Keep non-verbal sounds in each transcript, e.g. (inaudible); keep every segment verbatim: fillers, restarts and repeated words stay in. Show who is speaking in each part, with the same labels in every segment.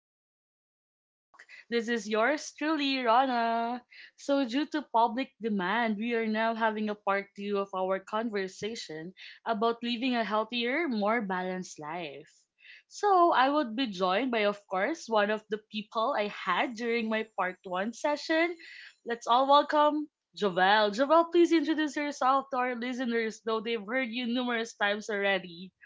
Speaker 1: back to Talk the Talk. This is yours truly, Rana. So, due to public demand, we are now having a part two of our conversation about living a healthier, more balanced life. So, I would be joined by, of course, one of the people I had during my part one session. Let's all welcome Jovel. Jovel, please introduce yourself to our listeners, though they've heard you numerous times already.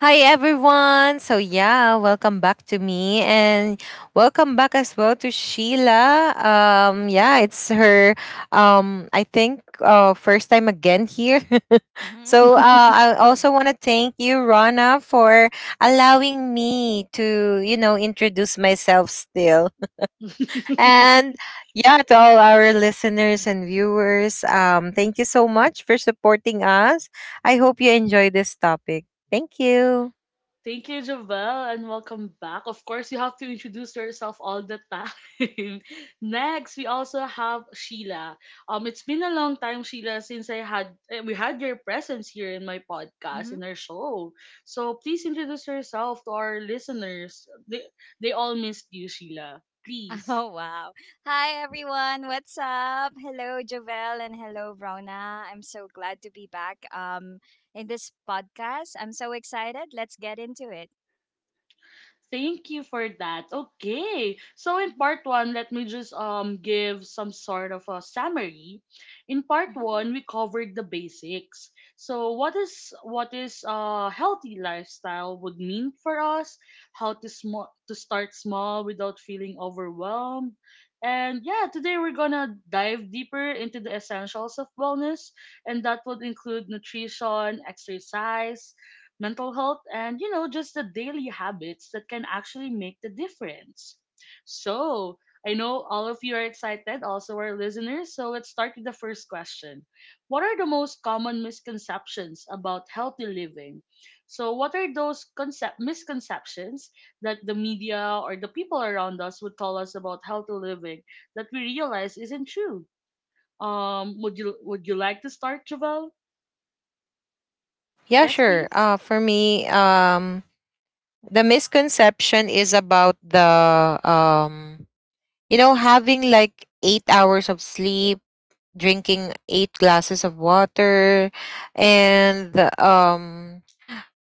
Speaker 2: Hi everyone. So yeah, welcome back to me and welcome back as well to Sheila. Um yeah, it's her um I think uh first time again here. (laughs)
Speaker 3: Mm-hmm.
Speaker 2: so uh I also want to thank you Rana for allowing me to, you know, introduce myself still. (laughs)
Speaker 1: (laughs)
Speaker 2: And yeah, to all our listeners and viewers, um thank you so much for supporting us. I hope you enjoy this topic. Thank you.
Speaker 1: Thank you, Javel, and welcome back. Of course, you have to introduce yourself all the time. (laughs) Next, we also have Sheila. Um, it's been a long time, Sheila, since I had eh, we had your presence here in my podcast
Speaker 3: Mm-hmm.
Speaker 1: in our show. So please introduce yourself to our listeners. They they all missed you, Sheila. Please.
Speaker 3: (laughs) Oh, wow. Hi, everyone. What's up? Hello, Jovel, and hello, Rona. I'm so glad to be back um, in this podcast. I'm so excited. Let's get into it.
Speaker 1: Thank you for that. Okay. So in
Speaker 3: Mm-hmm.
Speaker 1: part one, let me just um give some sort of a summary. In part one,
Speaker 3: Mm-hmm.
Speaker 1: we covered the basics. So what is what is a healthy lifestyle would mean for us, how to small to start small without feeling overwhelmed. And yeah, today we're gonna dive deeper into the essentials of wellness, and that would include nutrition, exercise, mental health, and you know, just the daily habits that can actually make the difference. So, I know all of you are excited, also our listeners. So, let's start with the first question. What are the most common misconceptions about healthy living? So, what are those concept misconceptions that the media or the people around us would tell us about healthy living that we realize isn't true? Um, would you would you like to start, Javel?
Speaker 2: Yeah,
Speaker 1: Yes,
Speaker 2: sure.
Speaker 1: please.
Speaker 2: Uh, for me, um, the misconception is about the um, you know, having like eight hours of sleep, drinking eight glasses of water, and um,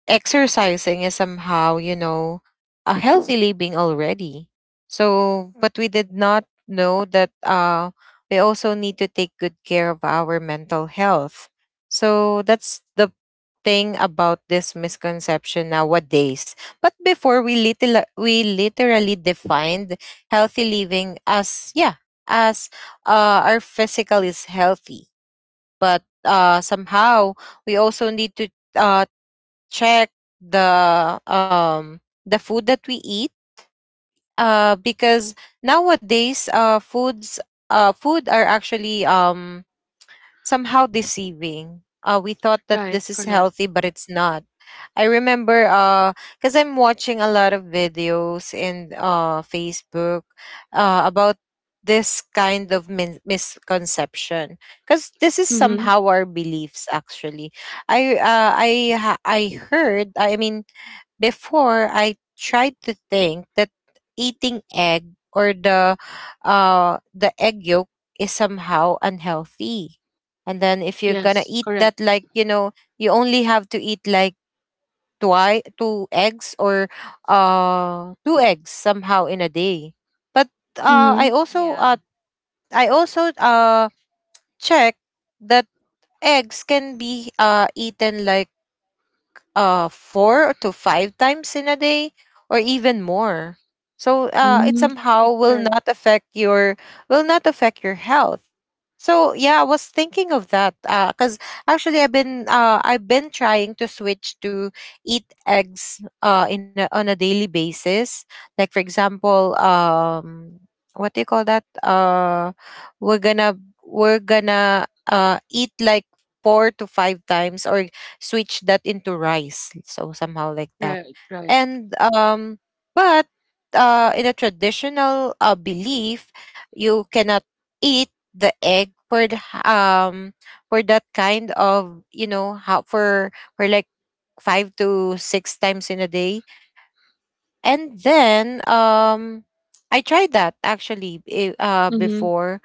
Speaker 2: exercising is somehow, you know, a healthy living already. So, but we did not know that uh, we also need to take good care of our mental health. So, that's the thing about this misconception nowadays. But before we little we literally defined healthy living as yeah, as uh, our physical is healthy, but uh, somehow we also need to uh, check the um the food that we eat uh because nowadays uh foods uh food are actually um somehow deceiving. Uh we thought that
Speaker 1: Right,
Speaker 2: this is
Speaker 1: correct.
Speaker 2: healthy but it's not. I remember uh because I'm watching a lot of videos in uh Facebook uh about this kind of min- misconception, because this is
Speaker 1: Mm-hmm.
Speaker 2: somehow our beliefs actually. I uh, I ha- I heard I mean, before, I tried to think that eating egg or the uh the egg yolk is somehow unhealthy. And then if you're gonna
Speaker 1: Yes,
Speaker 2: eat
Speaker 1: correct.
Speaker 2: that, like, you know, you only have to eat like twi- two eggs or uh two eggs somehow in a day. But uh
Speaker 1: Mm-hmm.
Speaker 2: I also uh
Speaker 3: Yeah.
Speaker 2: I also uh check that eggs can be uh eaten like uh four to five times in a day or even more, so uh it
Speaker 1: Mm,
Speaker 2: somehow
Speaker 1: right,
Speaker 2: will
Speaker 1: right,
Speaker 2: not affect your will not affect your health. So yeah, I was thinking of that uh because actually i've been uh I've been trying to switch to eat eggs uh in a on a daily basis, like for example, um what do you call that, uh we're gonna we're gonna uh eat like four to five times or switch that into rice. So somehow like that.
Speaker 1: right, right.
Speaker 2: And um but uh in a traditional uh, belief, you cannot eat the egg for the, um for that kind of, you know, how for for like five to six times in a day. And then um I tried that actually eh, uh
Speaker 1: Mm-hmm.
Speaker 2: before,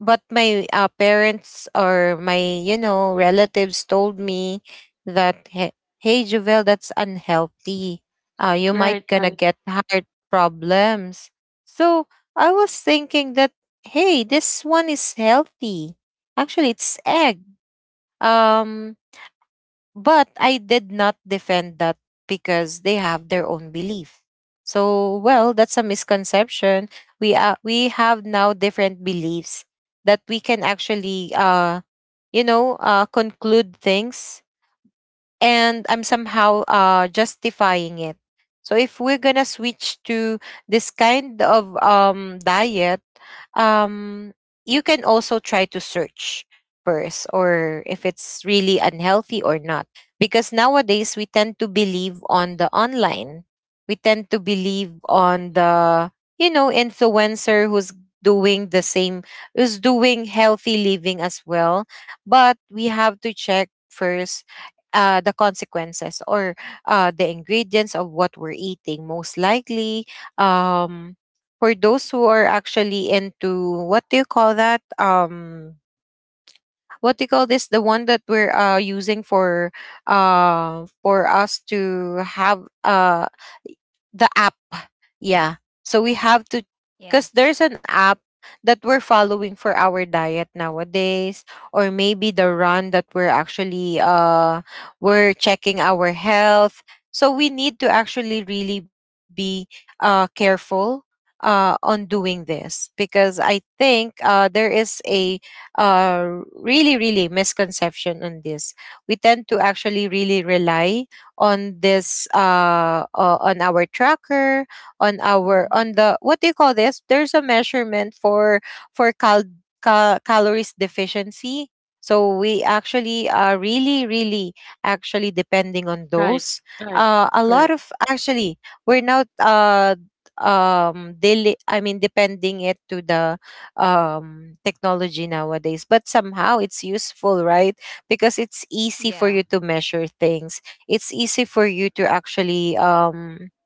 Speaker 2: but my uh, parents or my, you know, relatives told me that hey, hey Jovel, that's unhealthy. Uh, you might
Speaker 1: Right,
Speaker 2: gonna
Speaker 1: right,
Speaker 2: get heart problems. So I was thinking that hey, this one is healthy. Actually, it's egg. Um, But I did not defend that because they have their own belief. So, well, that's a misconception. We uh, we have now different beliefs that we can actually uh you know, uh conclude things, and I'm somehow uh, justifying it. So if we're gonna switch to this kind of um, diet, um, you can also try to search first, or if it's really unhealthy or not. Because nowadays we tend to believe on the online, we tend to believe on the, you know, influencer who's doing the same, who's doing healthy living as well. But we have to check first uh, the consequences or uh, the ingredients of what we're eating. Most likely, um, for those who are actually into, what do you call that? Um, what do you call this? The one that we're uh, using for uh, for us to have uh, the app. Yeah. So we have to, because
Speaker 3: Yeah.
Speaker 2: there's an app that we're following for our diet nowadays, or maybe the run that we're actually uh we're checking our health. So we need to actually really be uh careful uh on doing this, because I think uh there is a uh really, really misconception on this. We tend to actually really rely on this uh, uh on our tracker, on our,
Speaker 3: Mm-hmm.
Speaker 2: on the, what do you call this, there's a measurement for for cal- cal- calories deficiency, so we actually are really, really actually depending on
Speaker 1: right,
Speaker 2: those
Speaker 1: right,
Speaker 2: uh a lot
Speaker 1: correct,
Speaker 2: of, actually we're not uh um daily, I mean, depending it to the um technology nowadays, but somehow it's useful, right? Because it's easy for you
Speaker 3: Yeah.
Speaker 2: to measure things, it's easy for you to actually um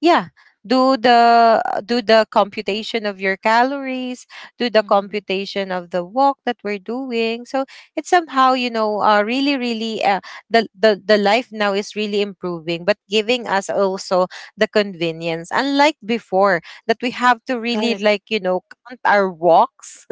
Speaker 2: yeah, do the do the computation of your calories, do the
Speaker 3: Mm-hmm.
Speaker 2: computation of the walk that we're doing, so it's somehow, you know, uh, really, really uh, the, the the life now is really improving, but giving us also the convenience unlike before, that we have to really,
Speaker 1: right.
Speaker 2: like, you know, count our walks,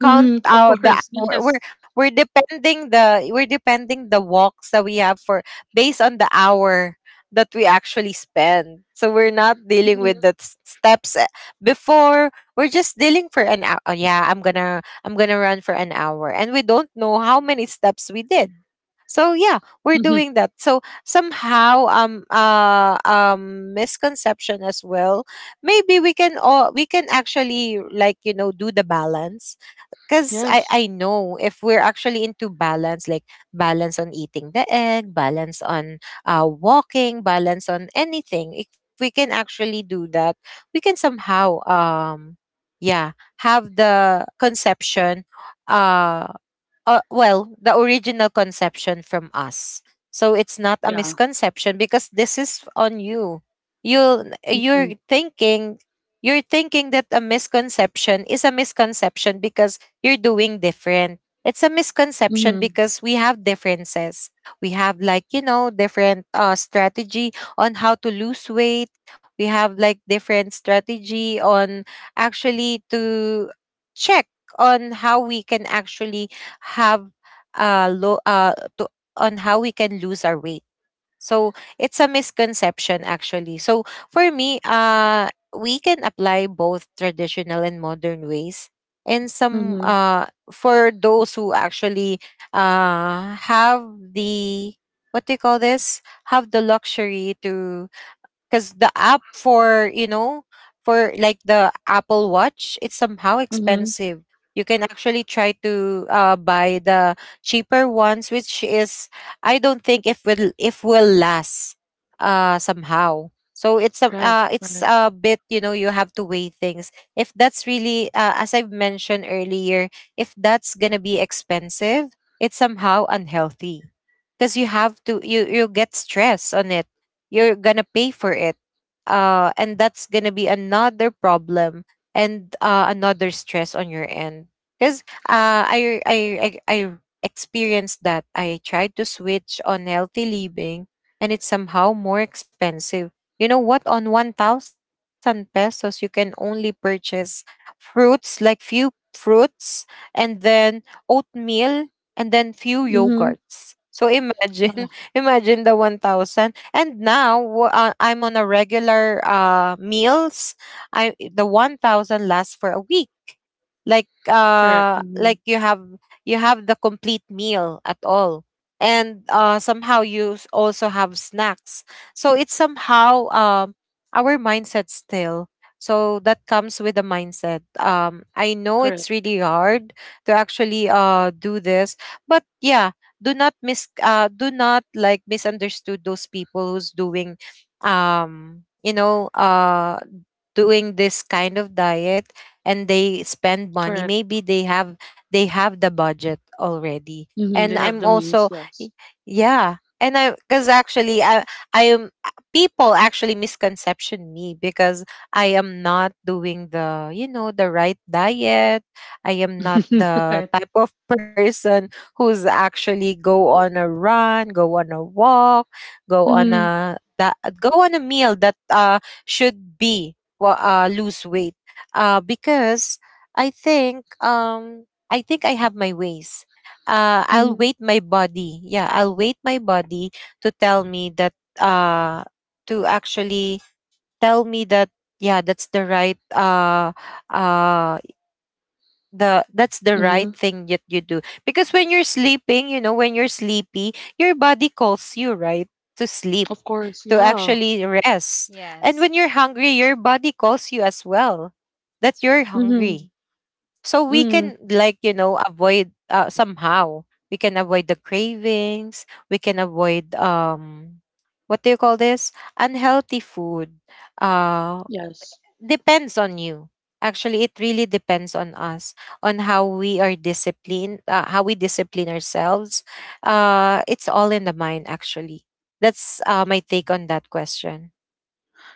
Speaker 2: count
Speaker 1: Mm-hmm. Of
Speaker 2: out the
Speaker 1: course,
Speaker 2: hour.
Speaker 1: yes.
Speaker 2: We're we're depending the we're depending the walks that we have for, based on the hour that we actually spend. So we're not dealing
Speaker 1: Mm-hmm.
Speaker 2: with the s- steps eh, before. We're just dealing for an hour. Oh, yeah, I'm gonna I'm gonna run for an hour, and we don't know how many steps we did. So yeah, we're
Speaker 1: Mm-hmm.
Speaker 2: doing that. So somehow um uh um misconception as well, maybe we can all we can actually, like, you know, do the balance, because I,
Speaker 1: Yes,
Speaker 2: I know if we're actually into balance, like balance on eating the egg, balance on uh, walking, balance on anything, if we can actually do that, we can somehow, um, yeah, have the conception uh, uh, well, the original conception from us. So it's not a
Speaker 1: yeah.
Speaker 2: misconception because this is on you. You
Speaker 1: Mm-hmm.
Speaker 2: you're thinking you're thinking that a misconception is a misconception because you're doing different. It's a misconception
Speaker 1: Mm-hmm.
Speaker 2: because we have differences. We have, like, you know, different uh strategy on how to lose weight. We have like different strategy on actually to check on how we can actually have uh low uh to, on how we can lose our weight, so it's a misconception actually. So for me uh we can apply both traditional and modern ways, and some
Speaker 1: Mm-hmm.
Speaker 2: uh for those who actually uh have the, what do you call this, have the luxury to, because the app for, you know, for like the Apple Watch, it's somehow
Speaker 1: Mm-hmm.
Speaker 2: expensive. You can actually try to uh, buy the cheaper ones, which is I don't think if will if will last uh somehow. So it's a
Speaker 1: Right,
Speaker 2: uh,
Speaker 1: right.
Speaker 2: it's a bit, you know, you have to weigh things if that's really uh, as I've mentioned earlier, if that's gonna be expensive, it's somehow unhealthy, because you have to you you get stress on it, you're gonna pay for it, uh and that's gonna be another problem, and uh another stress on your end. Because uh I, I i i experienced that I tried to switch on healthy living and it's somehow more expensive. You know what, on one thousand pesos you can only purchase fruits, like few fruits, and then oatmeal, and then few
Speaker 1: Mm-hmm.
Speaker 2: yogurts. So
Speaker 1: Yeah,
Speaker 2: imagine (laughs) imagine the one thousand. And now w- uh, I'm on a regular uh, meals. I the one thousand lasts for a week, like
Speaker 1: correct.
Speaker 2: uh
Speaker 1: Mm-hmm.
Speaker 2: like you have you have the complete meal at all, and uh somehow you s- also have snacks. So it's somehow um our mindset still. So that comes with the mindset. um I know
Speaker 1: Correct,
Speaker 2: it's really hard to actually uh do this, but yeah, do not mis uh do not, like, misunderstood those people who's doing, um you know, uh doing this kind of diet, and they spend money.
Speaker 1: correct.
Speaker 2: Maybe they have they have the budget already.
Speaker 1: Mm-hmm.
Speaker 2: And
Speaker 1: They have
Speaker 2: I'm
Speaker 1: the means,
Speaker 2: also
Speaker 1: yes.
Speaker 2: y- yeah. And I because actually I I am people actually misconception me, because I am not doing the, you know, the right diet. I am not
Speaker 1: (laughs)
Speaker 2: the
Speaker 1: Right.
Speaker 2: type of (laughs) person who's actually go on a run, go on a walk, go on
Speaker 1: Mm-hmm.
Speaker 2: a that, go on a meal that uh should be wa- uh, lose weight. Uh, because I think um, I think I have my ways. Uh, I'll
Speaker 1: Mm-hmm.
Speaker 2: wait my body. Yeah, I'll wait my body to tell me that uh, to actually tell me that yeah, that's the right uh, uh, the that's the right
Speaker 1: Mm-hmm.
Speaker 2: thing that you do. Because when you're sleeping, you know, when you're sleepy, your body calls you, right, to sleep,
Speaker 1: Of course,
Speaker 2: to
Speaker 1: yeah.
Speaker 2: actually rest. And
Speaker 3: Yes.
Speaker 2: when you're hungry, your body calls you as well, that
Speaker 3: That's
Speaker 2: you're
Speaker 1: Mm-hmm.
Speaker 2: hungry. So we
Speaker 1: Mm-hmm.
Speaker 2: can, like, you know, avoid uh, somehow we can avoid the cravings, we can avoid um what do you call this, unhealthy food. uh
Speaker 1: Yes.
Speaker 2: Depends on you. Actually, it really depends on us, on how we are disciplined, uh, how we discipline ourselves. Uh it's all in the mind actually. That's uh, my take on that question.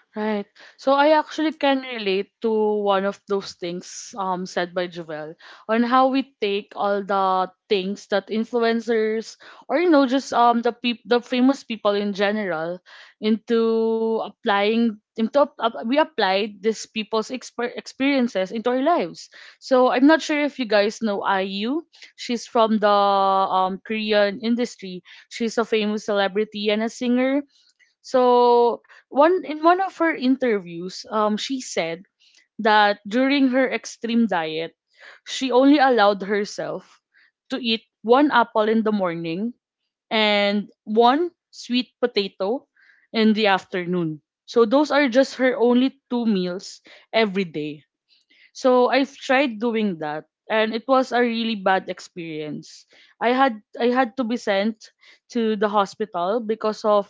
Speaker 1: Right. So I actually can relate to one of those things um said by Jovel on how we take all the things that influencers or you know just um the peop- the famous people in general into applying into ap- ap- we applied these people's exper- experiences into our lives. So I'm not sure if you guys know I U. She's from the um Korean industry. She's a famous celebrity and a singer, so one in one of her interviews, um, she said that during her extreme diet, she only allowed herself to eat one apple in the morning and one sweet potato in the afternoon. So those are just her only two meals every day. So I've tried doing that and it was a really bad experience. I had I had to be sent to the hospital because of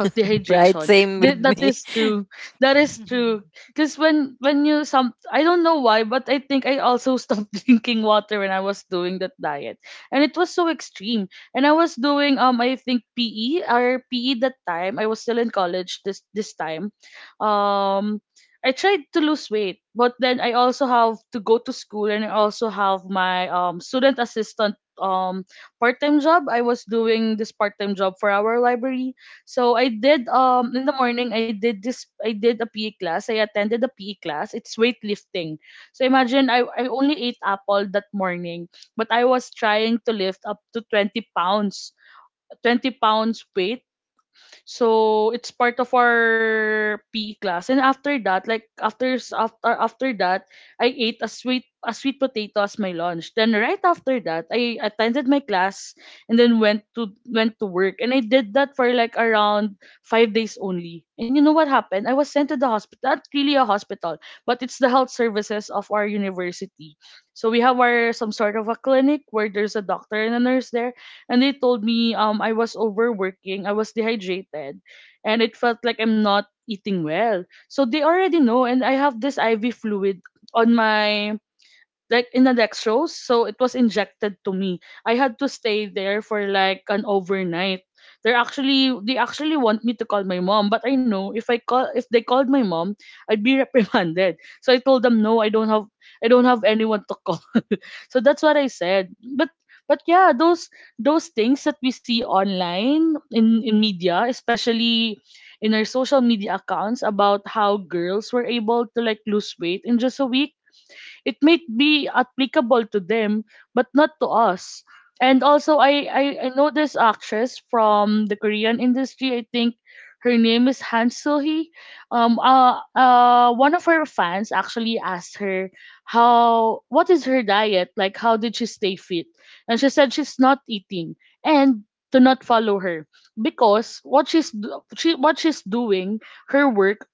Speaker 1: of
Speaker 2: Right?
Speaker 1: dehydration.
Speaker 2: Same with
Speaker 1: Th- that
Speaker 2: me.
Speaker 1: is
Speaker 2: (laughs)
Speaker 1: true. That is
Speaker 3: right.
Speaker 1: true.
Speaker 3: (laughs)
Speaker 1: Cause when when you some I don't know why, but I think I also stopped (laughs) drinking water when I was doing that diet, and it was so extreme. And I was doing um I think P E or P E that time. I was still in college this this time. Um, I tried to lose weight, but then I also have to go to school, and I also have my um student assistant um part time job. I was doing this part time job for our library, so I did um in the morning I did this I did a P E class. I attended the P E class. It's weightlifting. So imagine I, I only ate apple that morning, but I was trying to lift up to twenty pounds. twenty pounds weight, so it's part of our P E class. And after that, like after s- after after that, I ate a sweet a sweet potato as my lunch. Then right after that, I attended my class and then went to went to work. And I did that for like around five days only. And you know what happened? I was sent to the hospital. Not really a hospital, but it's the health services of our university. So we have our some sort of a clinic where there's a doctor and a nurse there and they told me um I was overworking, I was dehydrated, and it felt like I'm not eating well. So they already know and I have this I V fluid on my, like, in the next row, so it was injected to me. I had to stay there for like an overnight. They're actually they actually want me to call my mom, but I know if I call if they called my mom, I'd be (laughs) reprimanded. So I told them no, I don't have, I don't have anyone to call. (laughs) So that's what I said. But but yeah, those those things that we see online in, in media, especially in our social media accounts about how girls were able to like lose weight in just a week, it may be applicable to them but not to us. And also i i, I know this actress from the Korean industry, I think her name is Han Soo-hee. Um, uh, uh, one of her fans actually asked her how what is her diet like. How did she stay fit? And she said she's not eating and to not follow her because what she's do- she what she's doing, her work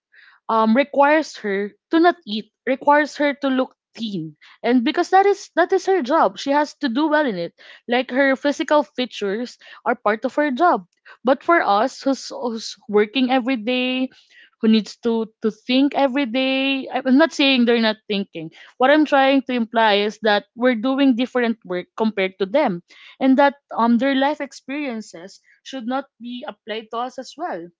Speaker 1: um requires her to not eat, requires her to look thin, and because that is that is her job, she has to do well in it, like her physical features are part of her job. But for us who's, who's working every day, who needs to to think every day, I- I'm not saying they're not thinking, what I'm trying to imply is that we're doing different work compared to them, and that um their life experiences should not be applied to us as well.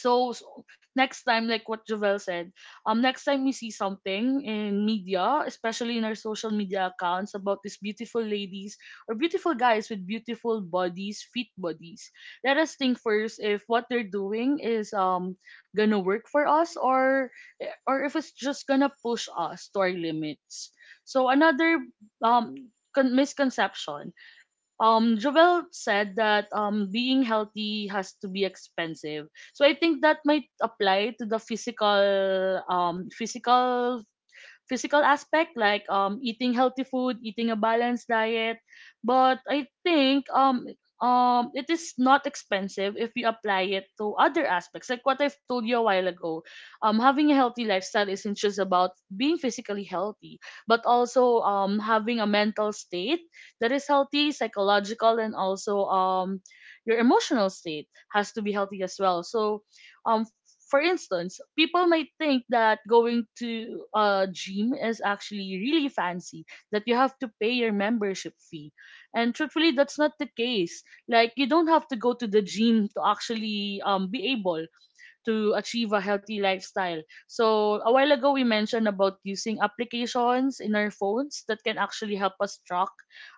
Speaker 1: so, So next time, like what Jovel said, um next time we see something in media, especially in our social media accounts, about these beautiful ladies or beautiful guys with beautiful bodies, fit bodies, let us think first if what they're doing is um gonna work for us, or or if it's just gonna push us to our limits. So another um con- misconception, um Jovel said that um being healthy has to be expensive. So I think that might apply to the physical um physical physical aspect like um eating healthy food, eating a balanced diet. But I think um um it is not expensive if you apply it to other aspects. Like what I've told you a while ago, um having a healthy lifestyle isn't just about being physically healthy, but also um having a mental state that is healthy, psychological, and also um your emotional state has to be healthy as well. So um for instance, people might think that going to a gym is actually really fancy, that you have to pay your membership fee. And truthfully, that's not the case. Like, you don't have to go to the gym to actually um, be able to achieve a healthy lifestyle. So a while ago we mentioned about using applications in our phones that can actually help us track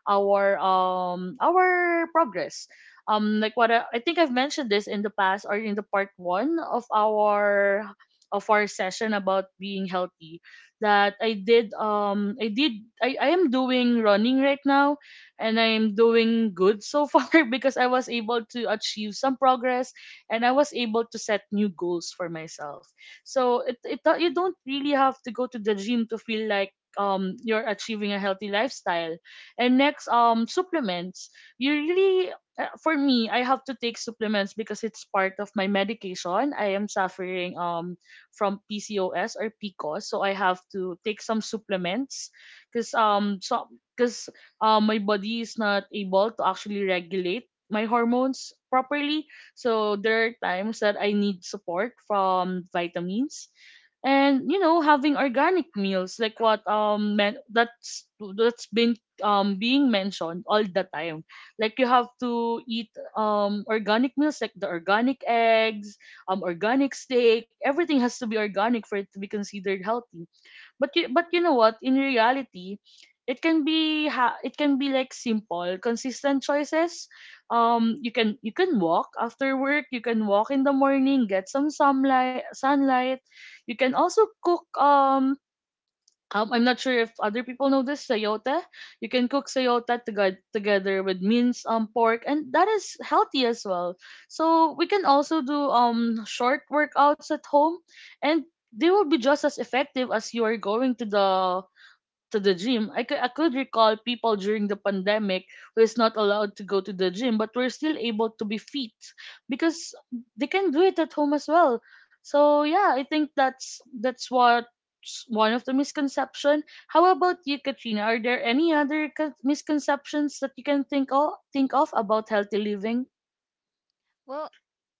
Speaker 1: our um our progress. Um like what I, I think I've mentioned this in the past or in the part one of our of our session about being healthy, that I did um I did I, I am doing running right now and I am doing good so (laughs) far because I was able to achieve some progress and I was able to set new goals for myself. So it, it do- you don't really have to go to the gym to feel like um you're achieving a healthy lifestyle. And next, um supplements. You really uh, for me, I have to take supplements because it's part of my medication. I am suffering um from P C O S or P C O S, so I have to take some supplements because um so because um my body is not able to actually regulate my hormones properly, so there are times that I need support from vitamins. And you know, having organic meals like what um men- that's that's been um being mentioned all the time. Like you have to eat um organic meals like the organic eggs, um organic steak, everything has to be organic for it to be considered healthy. But you, but you know what? In reality, it can be ha- it can be like simple, consistent choices. Um, you can you can walk after work. You can walk in the morning, get some sunlight. Sunlight. You can also cook. Um, um, I'm not sure if other people know this sayota. You can cook sayota toge- together with minced um pork, and that is healthy as well. So we can also do um short workouts at home, and they will be just as effective as you are going to the to the gym. I could, I could recall people during the pandemic who is not allowed to go to the gym, but were still able to be fit because they can do it at home as well. So yeah, I think that's that's what one of the misconception. How about you, Katrina? Are there any other con- misconceptions that you can think of think of about healthy living?
Speaker 3: Well,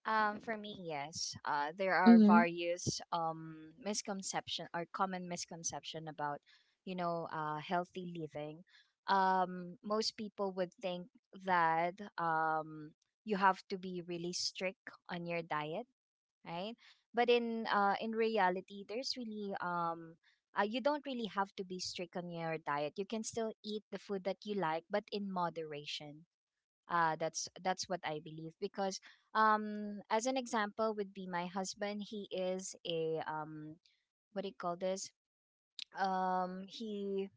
Speaker 3: um, for me, yes. Uh, there are
Speaker 1: Mm-hmm.
Speaker 3: various um misconception or common misconception about, you know, uh, healthy living. Um, most people would think that um you have to be really strict on your diet, right? But in uh in reality, there's really um. Uh, you don't really have to be strict on your diet. You can still eat the food that you like, but in moderation. uh, that's that's what I believe, because um, as an example would be my husband. He is a um, what do you call this? Um, he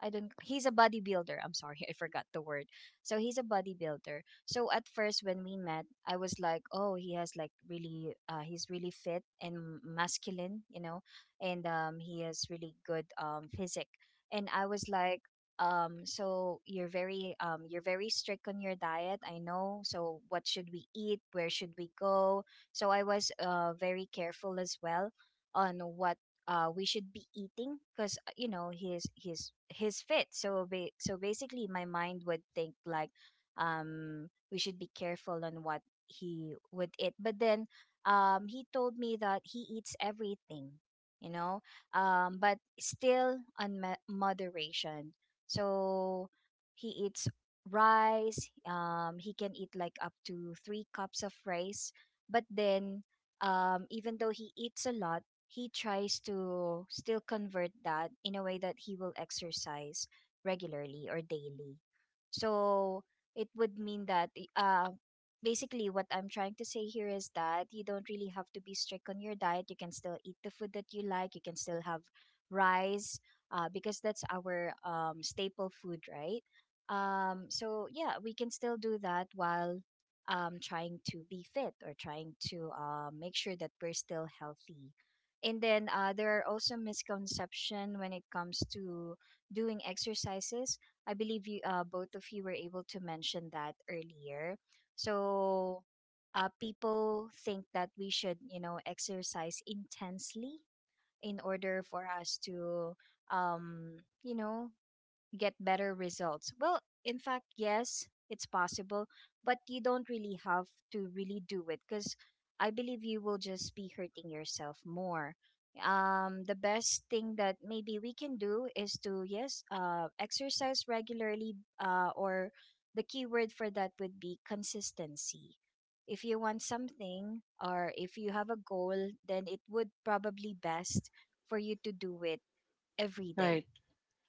Speaker 3: I don't He's a bodybuilder. I'm sorry, (laughs) I forgot the word. So he's a bodybuilder. So at first when we met, I was like, "Oh, he has like really uh he's really fit and masculine, you know, and um he has really good um physique." And I was like, um so you're very um you're very strict on your diet, I know. So what should we eat? Where should we go? So I was uh very careful as well on what uh, we should be eating, because you know he's he's he's fit. So ba- so basically, my mind would think like, um, we should be careful on what he would eat. But then, um, he told me that he eats everything, you know, um, but still on ma- moderation. So he eats rice. Um, he can eat like up to three cups of rice, but then, um, even though he eats a lot, he tries to still convert that in a way that he will exercise regularly or daily. So it would mean that uh basically what I'm trying to say here is that you don't really have to be strict on your diet. You can still eat the food that you like. You can still have rice, uh, because that's our um, staple food, right? Um, so yeah, we can still do that while um, trying to be fit or trying to, uh, make sure that we're still healthy. And then, uh, there are also misconception when it comes to doing exercises. I believe you uh, both of you were able to mention that earlier. So, uh, people think that we should, you know exercise intensely in order for us to, um you know get better results. Well, in fact, yes, it's possible, but you don't really have to really do it because I believe you will just be hurting yourself more. Um, the best thing that maybe we can do is to, yes, uh, exercise regularly, uh, or the key word for that would be consistency. If you want something or if you have a goal, then it would probably best for you to do it every day.
Speaker 1: Right.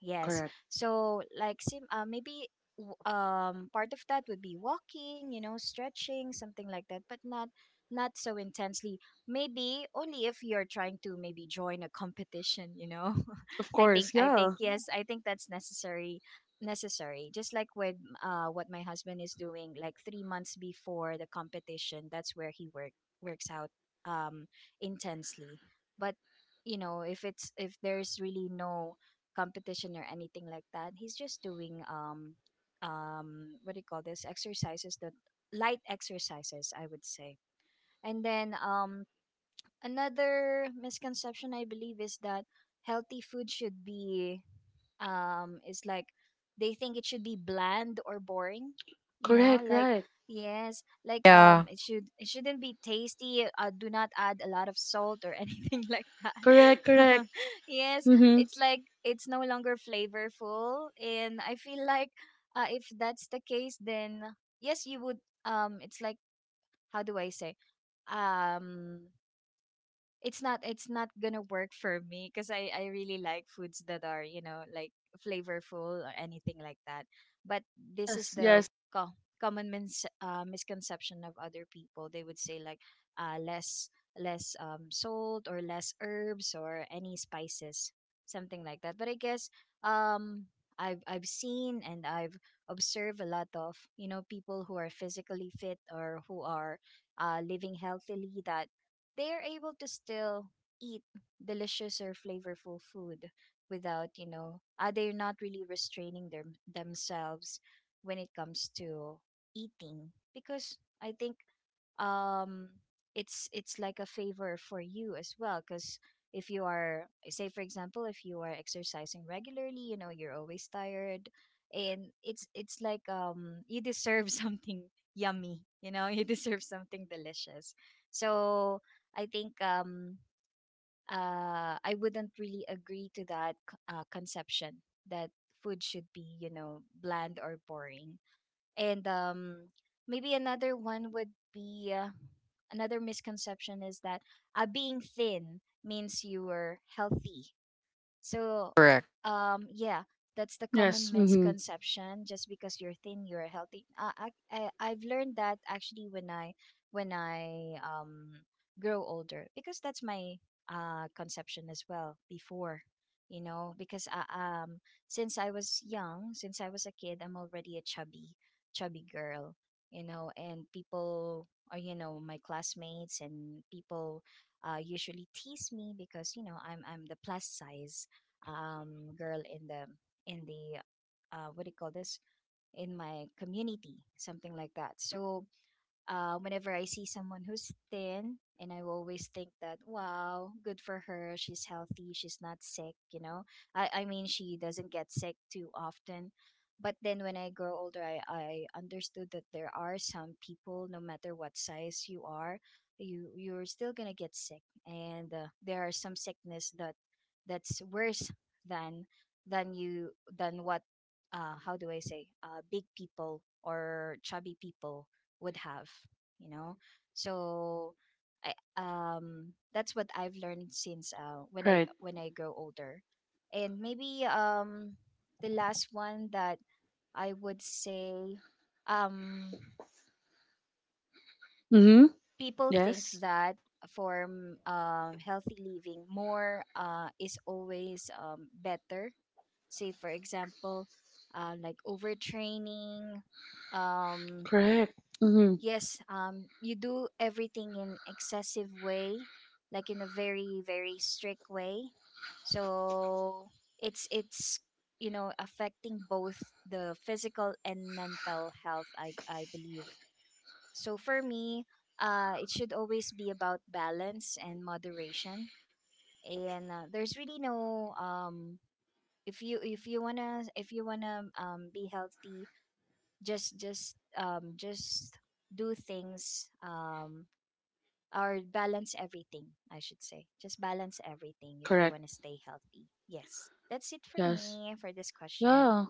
Speaker 3: Yes.
Speaker 1: Correct.
Speaker 3: So like sim uh, maybe, w- um part of that would be walking, you know, stretching, something like that, but not not so intensely. Maybe only if you're trying to maybe join a competition, you know.
Speaker 1: Of
Speaker 3: (laughs) I think
Speaker 1: course.
Speaker 3: I think
Speaker 1: Yeah.
Speaker 3: Yeah. Yes, I think that's necessary necessary. Just like with uh what my husband is doing, like three months before the competition, that's where he work works out um intensely. But, you know, if it's if there's really no competition or anything like that. He's just doing um um what do you call this exercises, that, light exercises I would say. And then um another misconception I believe is that healthy food should be, um is like, they think it should be bland or boring, you know
Speaker 1: Correct.
Speaker 3: like,
Speaker 1: Right.
Speaker 3: yes, like, um
Speaker 2: Yeah.
Speaker 3: it should it shouldn't be tasty, uh, do not add a lot of salt or (laughs) anything like
Speaker 1: Correct.
Speaker 3: that,
Speaker 1: Correct.
Speaker 3: (laughs) yes,
Speaker 1: Mm-hmm.
Speaker 3: it's like it's no longer flavorful, and I feel like, uh, if that's the case, then yes, you would, um it's like, how do I say, um it's not it's not gonna work for me because I I really like foods that are, you know like flavorful or anything like that. But this is
Speaker 1: Yes.
Speaker 3: the
Speaker 1: Yes.
Speaker 3: co- common mins- uh, misconception of other people. They would say, like, uh, less less um, salt or less herbs or any spices, something like that. But I guess, um I've I've seen and I've observed a lot of, you know people who are physically fit or who are, uh, living healthily, that they are able to still eat delicious or flavorful food without, you know uh, they're not really restraining them themselves when it comes to eating, because I think, um it's it's like a favor for you as well, because if you are, say for example, if you are exercising regularly, you know you're always tired, and it's it's like, um you deserve (laughs) something yummy. You know you (laughs) deserve something delicious. So I think, um uh I wouldn't really agree to that c- uh, conception that food should be, you know bland or boring. And um, maybe another one would be, uh, another misconception is that, uh, being thin means you are healthy. So,
Speaker 2: Correct.
Speaker 3: um, yeah, that's the common
Speaker 1: Yes. Mm-hmm.
Speaker 3: misconception. Just because you're thin, you're healthy. Uh, I, I I've learned that actually when I when I um grow older, because that's my uh conception as well before. You know, because I, um, since I was young, since I was a kid, I'm already a chubby, chubby girl. You know, and people, or you know, my classmates and people, uh, usually tease me because you know I'm I'm the plus size um, girl in the in the uh, what do you call this, in my community, something like that. So, uh, whenever I see someone who's thin, and I always think that, wow, good for her. She's healthy. She's not sick, you know? I, I mean, she doesn't get sick too often. But then when I grow older, I, I understood that there are some people, no matter what size you are, you, you're still going to get sick. And uh, there are some sickness that that's worse than than you than what, uh, how do I say, uh, big people or chubby people would have, you know so I um that's what I've learned since, uh when i
Speaker 1: Right.
Speaker 3: when i grow older. And maybe um the last one that I would say, um
Speaker 1: Mhm.
Speaker 3: people think
Speaker 1: Yes.
Speaker 3: that for, um um, healthy living more, uh is always um better. Say for example, uh, like overtraining, um
Speaker 1: Correct. Mhm.
Speaker 3: yes, um you do everything in excessive way, like in a very very strict way. So it's it's you know affecting both the physical and mental health, i i believe. So for me, uh it should always be about balance and moderation. And, uh, there's really no, um if you if you wanna if you wanna um be healthy, just just um just do things, um or balance everything, I should say. Just balance everything if you
Speaker 1: Correct.
Speaker 3: want to stay healthy. Yes. That's it for
Speaker 1: Yes.
Speaker 3: me for this question.
Speaker 1: Yeah.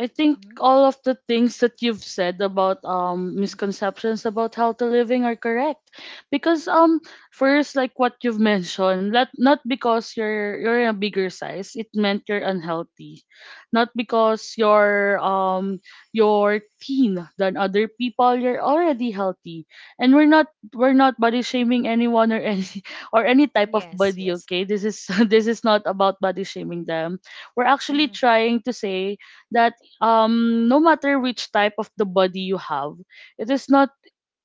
Speaker 1: I think
Speaker 3: Mm-hmm.
Speaker 1: all of the things that you've said about um
Speaker 3: Mm-hmm.
Speaker 1: misconceptions about healthy living are correct. Because um first, like what you've mentioned, not not because you're you're in a bigger size, it meant you're unhealthy. Not because you're um you're thin than other people, you're already healthy. And we're not we're not body shaming anyone or any (laughs) or any type of
Speaker 3: Yes,
Speaker 1: body,
Speaker 3: yes.
Speaker 1: okay? This is (laughs) this is not about body shaming them. We're actually
Speaker 3: Mm-hmm.
Speaker 1: trying to say that um no matter which type of the body you have, it is not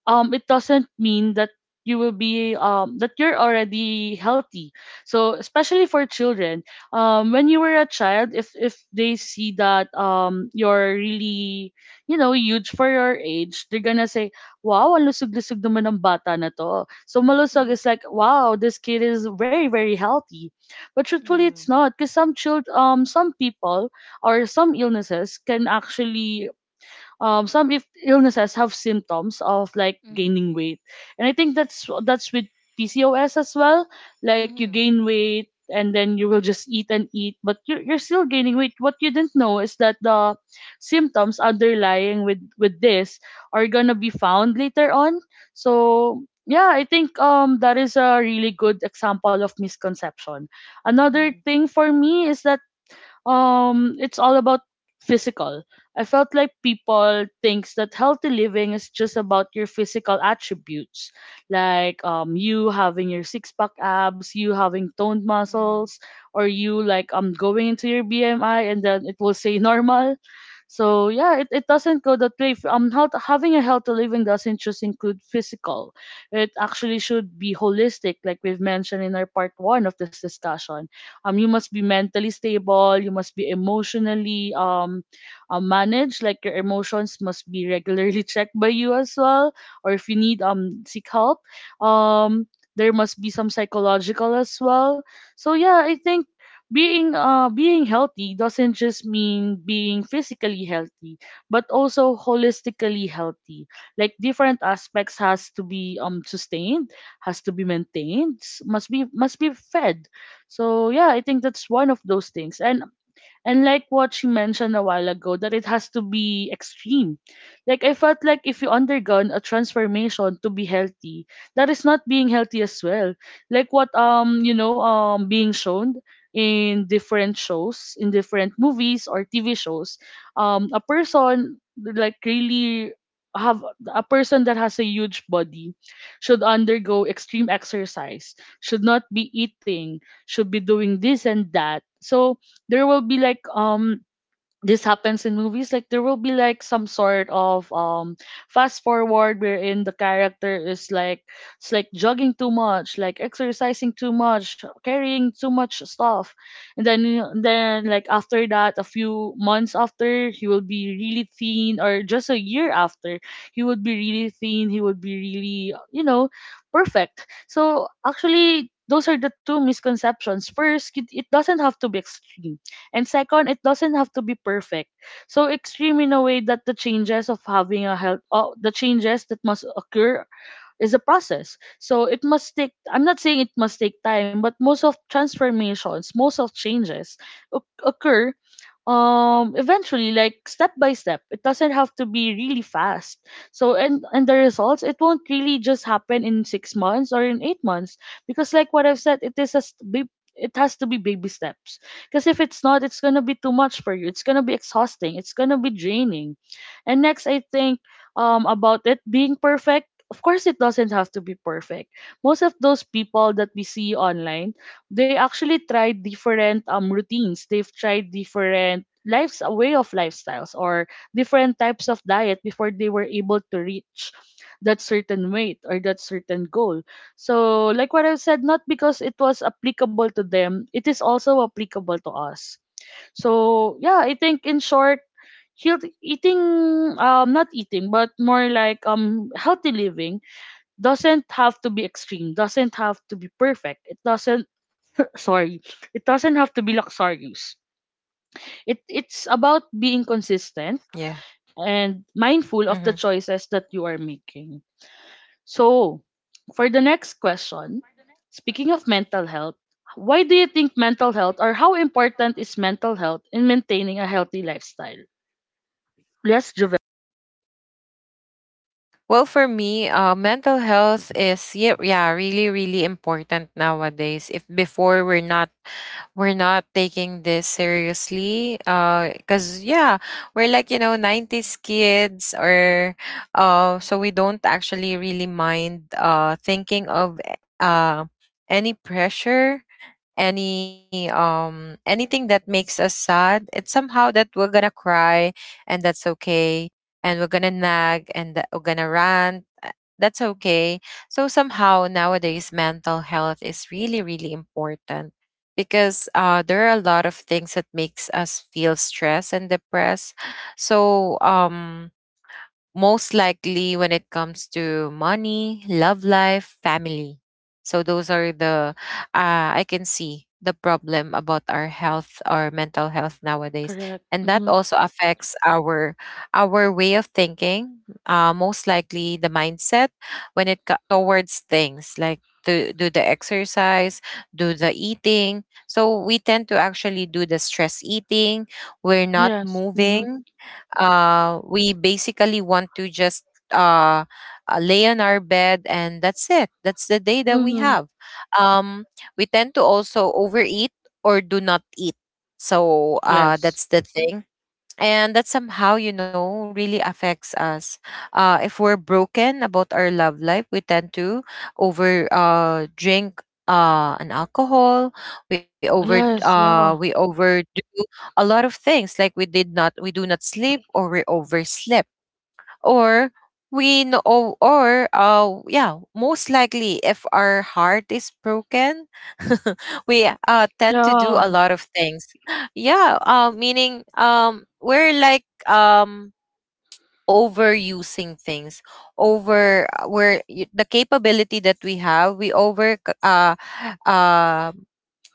Speaker 1: um it doesn't mean that you will be um that you're already healthy. So especially for children, um when you were a child, if if they see that um you're really, you know, huge for your age, they're gonna say wow, ang lusog-lusog naman ng bata na to. So malusog
Speaker 3: Mm-hmm.
Speaker 1: is like wow, this kid is very very healthy. But truthfully,
Speaker 3: Mm-hmm.
Speaker 1: it's not, because some child um some people or some illnesses can actually um, some if illnesses have symptoms of like
Speaker 3: Mm-hmm.
Speaker 1: gaining weight, and I think that's that's with P C O S as well. Like you
Speaker 3: Mm-hmm.
Speaker 1: gain weight, and then you will just eat and eat, but you're you're still gaining weight. What you didn't know is that the symptoms underlying with with this are gonna be found later on. So yeah, I think um that is a really good example of misconception. Another
Speaker 3: Mm-hmm.
Speaker 1: thing for me is that um it's all about physical. I felt like people thinks that healthy living is just about your physical attributes, like um you having your six pack abs, you having toned
Speaker 3: Mm-hmm.
Speaker 1: muscles, or you like um going into your BMI and then it will say normal. So yeah, it, it doesn't go that way. Um health, having a healthy living doesn't just include physical, it actually should be holistic, like we've mentioned in our part one of this discussion. Um you must be mentally stable, you must be emotionally um uh, managed, like your emotions must be regularly (laughs) checked by you as well, or if you need, um seek help. um there must be some psychological as well. So yeah, I think being uh being healthy doesn't just mean being physically healthy, but also holistically healthy. Like different aspects has to be um sustained, has to be maintained, s- must be must be fed. So yeah, I think that's one of those things. And And like what she mentioned a while ago, that it has to be extreme. Like I felt like if you undergone a transformation to be healthy, that is not being healthy as well. Like what um you know um being shown in different shows, in different movies or T V shows, um a person like really have a person that has a huge body should undergo extreme exercise, should not be eating, should be doing this and that. So there will be like um this happens in movies, like there will be like some sort of um fast forward wherein the character is like it's like jogging too much, like exercising too much, carrying too much stuff, and then you- then like after that a few months after, he will be really thin, or just a year after he would be really thin, he would be really, you know, perfect. So actually those are the two misconceptions: first, it, it doesn't have to be extreme, and second, it doesn't have to be perfect. So extreme in a way that the changes of having a health, uh, the changes that must occur is a process. So it must take, I'm not saying it must take time, but most of transformations, most of changes oc- occur um eventually, like step by step. It doesn't have to be really fast. So and and the results, it won't really just happen in six months or in eight months, because like what I've said, it is a st- bab- it has to be baby steps, because if it's not, it's going to be too much for you, it's going to be exhausting, it's going to be draining. And next I think um about it being perfect, of course it doesn't have to be perfect. Most of those people that we see online, they actually tried different um routines, they've tried different lives, a way of lifestyles, or different types of diet before they were able to reach that certain weight or that certain goal. So like what I've said, not because it was applicable to them, it is also applicable to us. So yeah, I think in short, health eating um not eating but more like um healthy living doesn't have to be extreme, doesn't have to be perfect. It doesn't, sorry, it doesn't have to be luxurious. It, it's about being consistent
Speaker 2: Yeah.
Speaker 1: and mindful of
Speaker 2: Mm-hmm.
Speaker 1: the choices that you are making. So, for the next question, speaking of mental health, why do you think mental health, or how important is mental health in maintaining a healthy lifestyle? Yes, Javel.
Speaker 2: Well, for me, uh, mental health is yeah, yeah, really, really important nowadays. If before we're not, we're not taking this seriously, uh, because yeah, we're like you know nineties kids, or uh, so we don't actually really mind uh thinking of uh any pressure, any um anything that makes us sad. It's somehow that we're gonna cry, and that's okay. And we're gonna nag, and that we're gonna rant, uh, that's okay. So somehow nowadays mental health is really, really important, because uh, there are a lot of things that makes us feel stressed and depressed. So um most likely when it comes to money, love life, family. So those are the, uh, I can see the problem about our health, our mental health nowadays.
Speaker 1: Correct.
Speaker 2: And that
Speaker 1: Mm-hmm.
Speaker 2: also affects our our way of thinking, uh, most likely the mindset, when it co- towards things like do do the exercise, do the eating. So we tend to actually do the stress eating. We're not
Speaker 1: Yes. Mm-hmm.
Speaker 2: moving. Uh, we basically want to just, uh, uh, lay on our bed and that's it. That's the day that we
Speaker 1: Mm-hmm.
Speaker 2: have. Um, we tend to also overeat or do not eat. So uh,
Speaker 1: Yes.
Speaker 2: that's the thing. And that somehow, you know, really affects us. Uh if we're broken about our love life, we tend to over uh drink uh an alcohol. We over
Speaker 1: Yes.
Speaker 2: uh we
Speaker 1: Yeah.
Speaker 2: overdo a lot of things, like we did not we do not sleep, or we oversleep, or we know, or, or uh yeah, most likely if our heart is broken, (laughs) we uh tend to do a lot of things. (laughs) Yeah, uh meaning um we're like, um overusing things, over uh, where y- the capability that we have, we over c- uh uh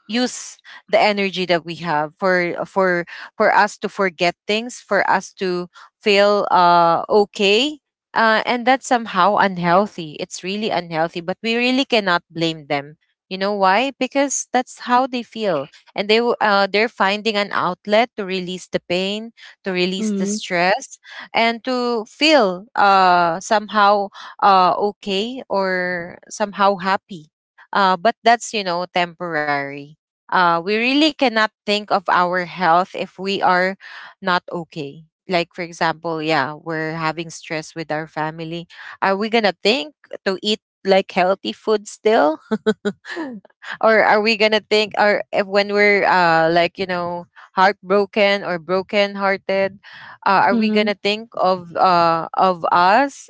Speaker 2: use the energy that we have, for for for us to forget things, for us to feel uh okay. Uh, and that's somehow unhealthy. It's really unhealthy. But we really cannot blame them, you know why? Because that's how they feel. And they w- uh, they're finding an outlet to release the pain, to release the
Speaker 1: Yeah.
Speaker 2: stress, and to feel uh somehow uh okay, or somehow happy. Uh, but that's, you know, temporary. Uh, we really cannot think of our health if we are not okay. Like, for example, yeah, we're having stress with our family. Are we going to think to eat like healthy food still? (laughs) Or are we gonna think, or if when we're uh like, you know, heartbroken or broken hearted, uh, are we
Speaker 1: Mhm.
Speaker 2: gonna think of uh of us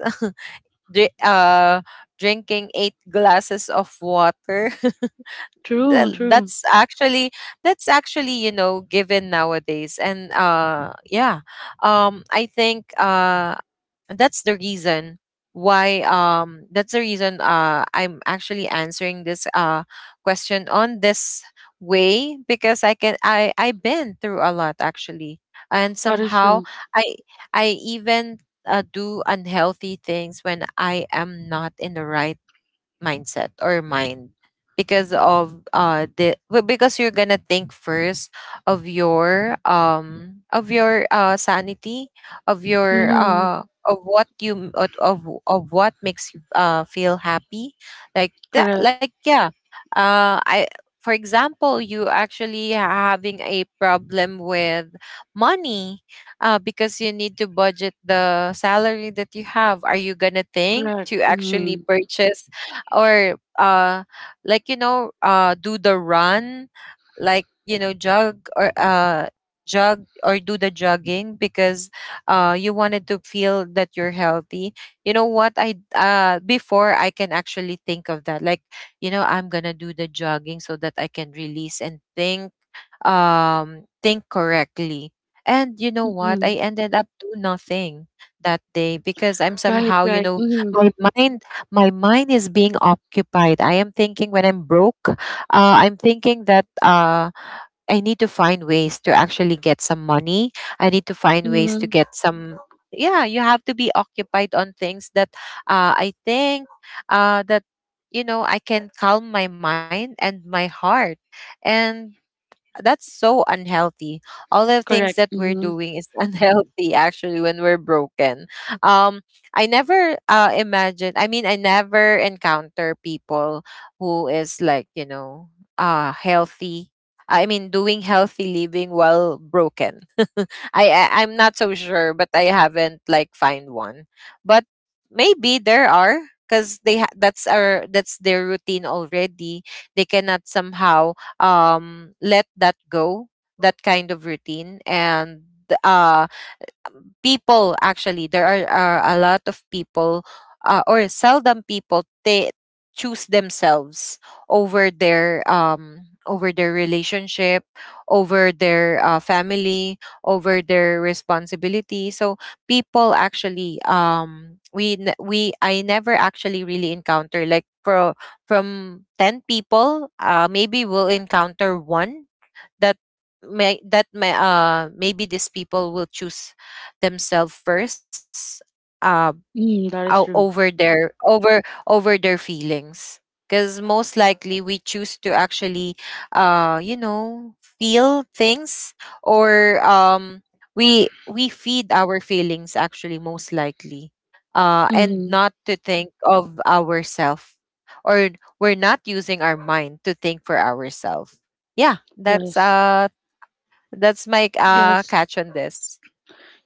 Speaker 2: (laughs) dri- uh drinking eight glasses of water?
Speaker 1: True,
Speaker 2: Well,
Speaker 1: true.
Speaker 2: that's actually, that's actually, you know, given nowadays. And uh yeah, um I think uh that's the reason why, um that's the reason uh I'm actually answering this uh question on this way, because I can, i I've been through a lot actually. And
Speaker 1: That is
Speaker 2: somehow,
Speaker 1: true.
Speaker 2: i I even uh, do unhealthy things when I am not in the right mindset or mind. Because of uh the well, because you're gonna think first of your, um of your uh sanity, of your,
Speaker 1: Mhm.
Speaker 2: uh of what you of of of what makes you uh feel happy. Like that,
Speaker 1: Correct,
Speaker 2: like, yeah. Uh i for example, you actually having a problem with money, uh, because you need to budget the salary that you have. Are you gonna think
Speaker 1: correct.
Speaker 2: to actually
Speaker 1: Mhm.
Speaker 2: purchase? Or uh like, you know, uh do the run, like, you know, jog, or uh jog or do the jogging, because uh you wanted to feel that you're healthy? You know what, I uh before I can actually think of that, like, you know, I'm gonna do the jogging so that I can release and think, um, think correctly. And you know what?
Speaker 1: Mhm.
Speaker 2: I ended up doing nothing that day because I'm
Speaker 1: Right,
Speaker 2: somehow, you
Speaker 1: right.
Speaker 2: know,
Speaker 1: Mhm.
Speaker 2: my mind, my mind is being occupied. I am thinking, when I'm broke, uh, I'm thinking that, uh, I need to find ways to actually get some money. I need to find ways to
Speaker 1: Mhm.
Speaker 2: get some. Yeah, you have to be occupied on things that, uh, I think, uh, that, you know, I can calm my mind and my heart, and that's so unhealthy. All the things
Speaker 1: Correct.
Speaker 2: that we're
Speaker 1: Mhm.
Speaker 2: doing is (laughs) unhealthy actually when we're broken. Um, I never uh imagine. I mean, I never encounter people who is like, you know, uh healthy. I mean, doing healthy living while broken. (laughs) I, I I'm not so sure, but I haven't like find one. But maybe there are, because they ha- that's our that's their routine already. They cannot somehow, um, let that go, that kind of routine. And uh, people actually, there are, are a lot of people, uh, or seldom people, they choose themselves over their, um over their relationship, over their, uh, family, over their responsibility. So people actually, um we ne- we I never actually really encounter like pro, from ten people uh maybe we'll encounter one that may that may, uh maybe these people will choose themselves first, uh
Speaker 1: Mhm. That is
Speaker 2: o-
Speaker 1: true.
Speaker 2: over their, over over their feelings. Because most likely we choose to actually, uh you know, feel things, or um we we feed our feelings actually most likely, uh and
Speaker 1: Mhm.
Speaker 2: not to think of ourselves, or we're not using our mind to think for ourselves. Yeah, that's
Speaker 1: Yes.
Speaker 2: uh that's my uh,
Speaker 1: Yes.
Speaker 2: catch on this.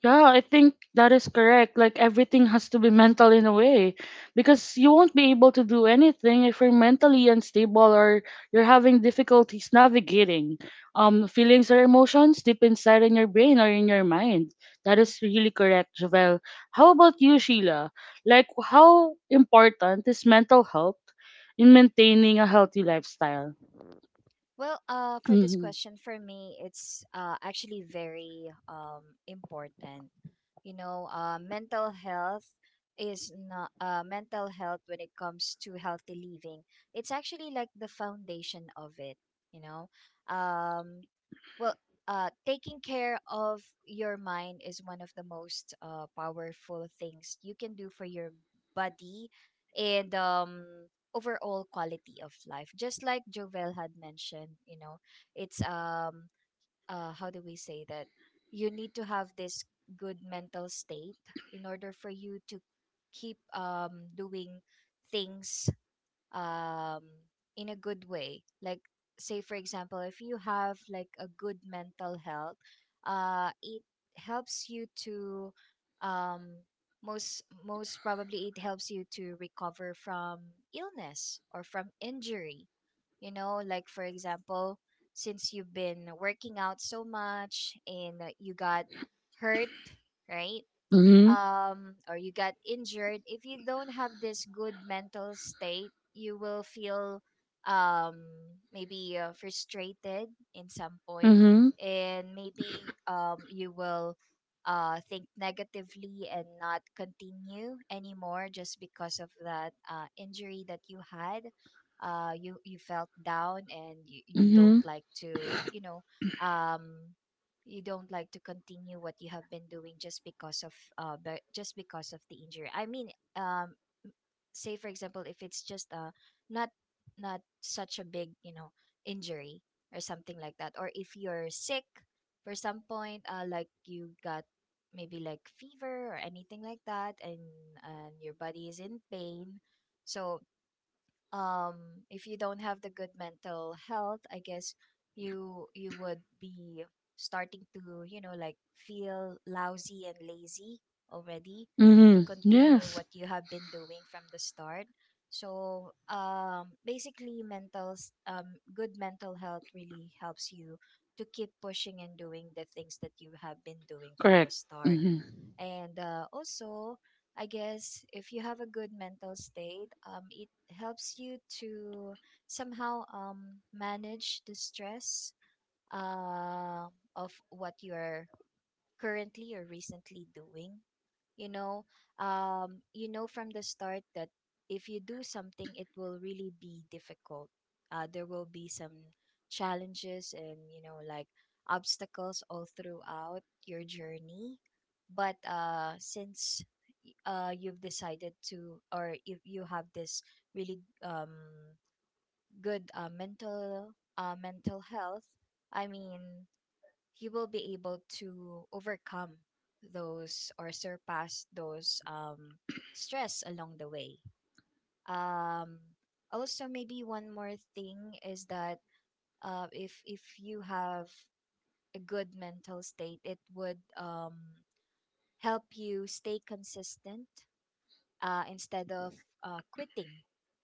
Speaker 1: Yeah, I think that is correct. Like everything has to be mental in a way, because you won't be able to do anything if you're mentally unstable, or you're having difficulties navigating um feelings or emotions deep inside in your brain or in your mind. That is really correct, Javel. How about you, Sheila? Like how important is mental health in maintaining a healthy lifestyle?
Speaker 3: Well, uh, for this
Speaker 1: Mhm.
Speaker 3: question, for me, it's uh, actually very um, important. You know uh, mental health is not, uh, mental health, when it comes to healthy living, it's actually like the foundation of it. you know um well, uh taking care of your mind is one of the most uh powerful things you can do for your body, and um overall quality of life, just like Jovel had mentioned you know it's, um uh, how do we say that? You need to have this good mental state in order for you to keep, um, doing things, um, in a good way. Like, say, for example, if you have like a good mental health, uh, it helps you to, um, most most probably it helps you to recover from illness or from injury. You know like, for example, since you've been working out so much and, uh, you got hurt, right?
Speaker 1: Mhm.
Speaker 3: Um, or you got injured. If you don't have this good mental state, you will feel, um, maybe, uh, frustrated in some point,
Speaker 1: Mhm.
Speaker 3: and maybe, um, you will, uh, think negatively and not continue anymore just because of that uh, injury that you had. Uh, you you felt down and you, you don't
Speaker 1: Mhm.
Speaker 3: like to you know um you don't like to continue what you have been doing just because of uh be- just because of the injury i mean um Say, for example, if it's just uh not not such a big you know injury or something like that, or if you're sick for some point, uh like you got maybe like fever or anything like that, and and your body is in pain. So um if you don't have the good mental health, I guess you you would be starting to, you know, like feel lousy and lazy already to
Speaker 1: Mhm.
Speaker 3: continue
Speaker 1: Yes.
Speaker 3: what you have been doing from the start. So um basically mental s- um good mental health really helps you to keep pushing and doing the things that you have been doing from the
Speaker 1: Correct.
Speaker 3: start.
Speaker 1: Mhm.
Speaker 3: And uh, also, I guess if you have a good mental state, um, it helps you to somehow um, manage the stress uh, of what you are currently or recently doing, you know. Um you know from the start that if you do something, it will really be difficult. Uh there will be some challenges, and you know like obstacles all throughout your journey. But uh since y- uh you've decided to, or if you have this really um good uh mental uh mental health, I mean, you will be able to overcome those or surpass those um, stress along the way. Um, Also, maybe one more thing is that, uh, if if you have a good mental state, it would um, help you stay consistent, uh, instead of uh, quitting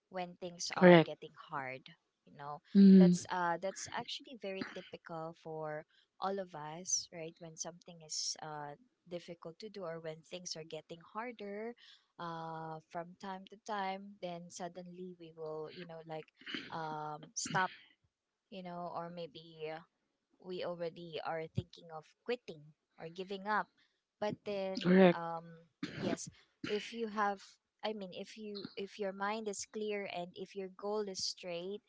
Speaker 3: when things are
Speaker 1: Correct.
Speaker 3: getting hard, you know.
Speaker 1: Mm,
Speaker 3: That's uh that's actually very typical for all of us, right? When something is uh difficult to do, or when things are getting harder uh from time to time, then suddenly we will, you know, like um stop, you know, or maybe we already are thinking of quitting or giving up. But then,
Speaker 1: correct.
Speaker 3: um, yes, if you have, I mean, if you if your mind is clear and if your goal is straight,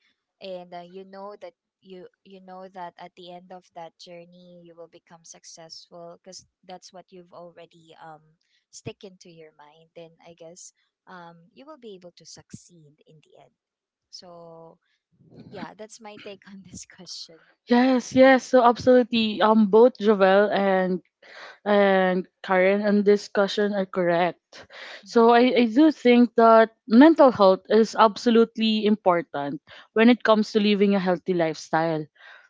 Speaker 3: and uh, you know that you you know that at the end of that journey you will become successful because that's what you've already um stick into your mind. Then I guess um you will be able to succeed in the end. So yeah, that's my take (laughs) on this question.
Speaker 1: Yes,
Speaker 3: (laughs)
Speaker 1: yes. So absolutely. Um, both
Speaker 3: Mm-hmm.
Speaker 1: Jovel and and Karen and discussion are correct. So I, I do think that mental health is absolutely important when it comes to living a healthy lifestyle.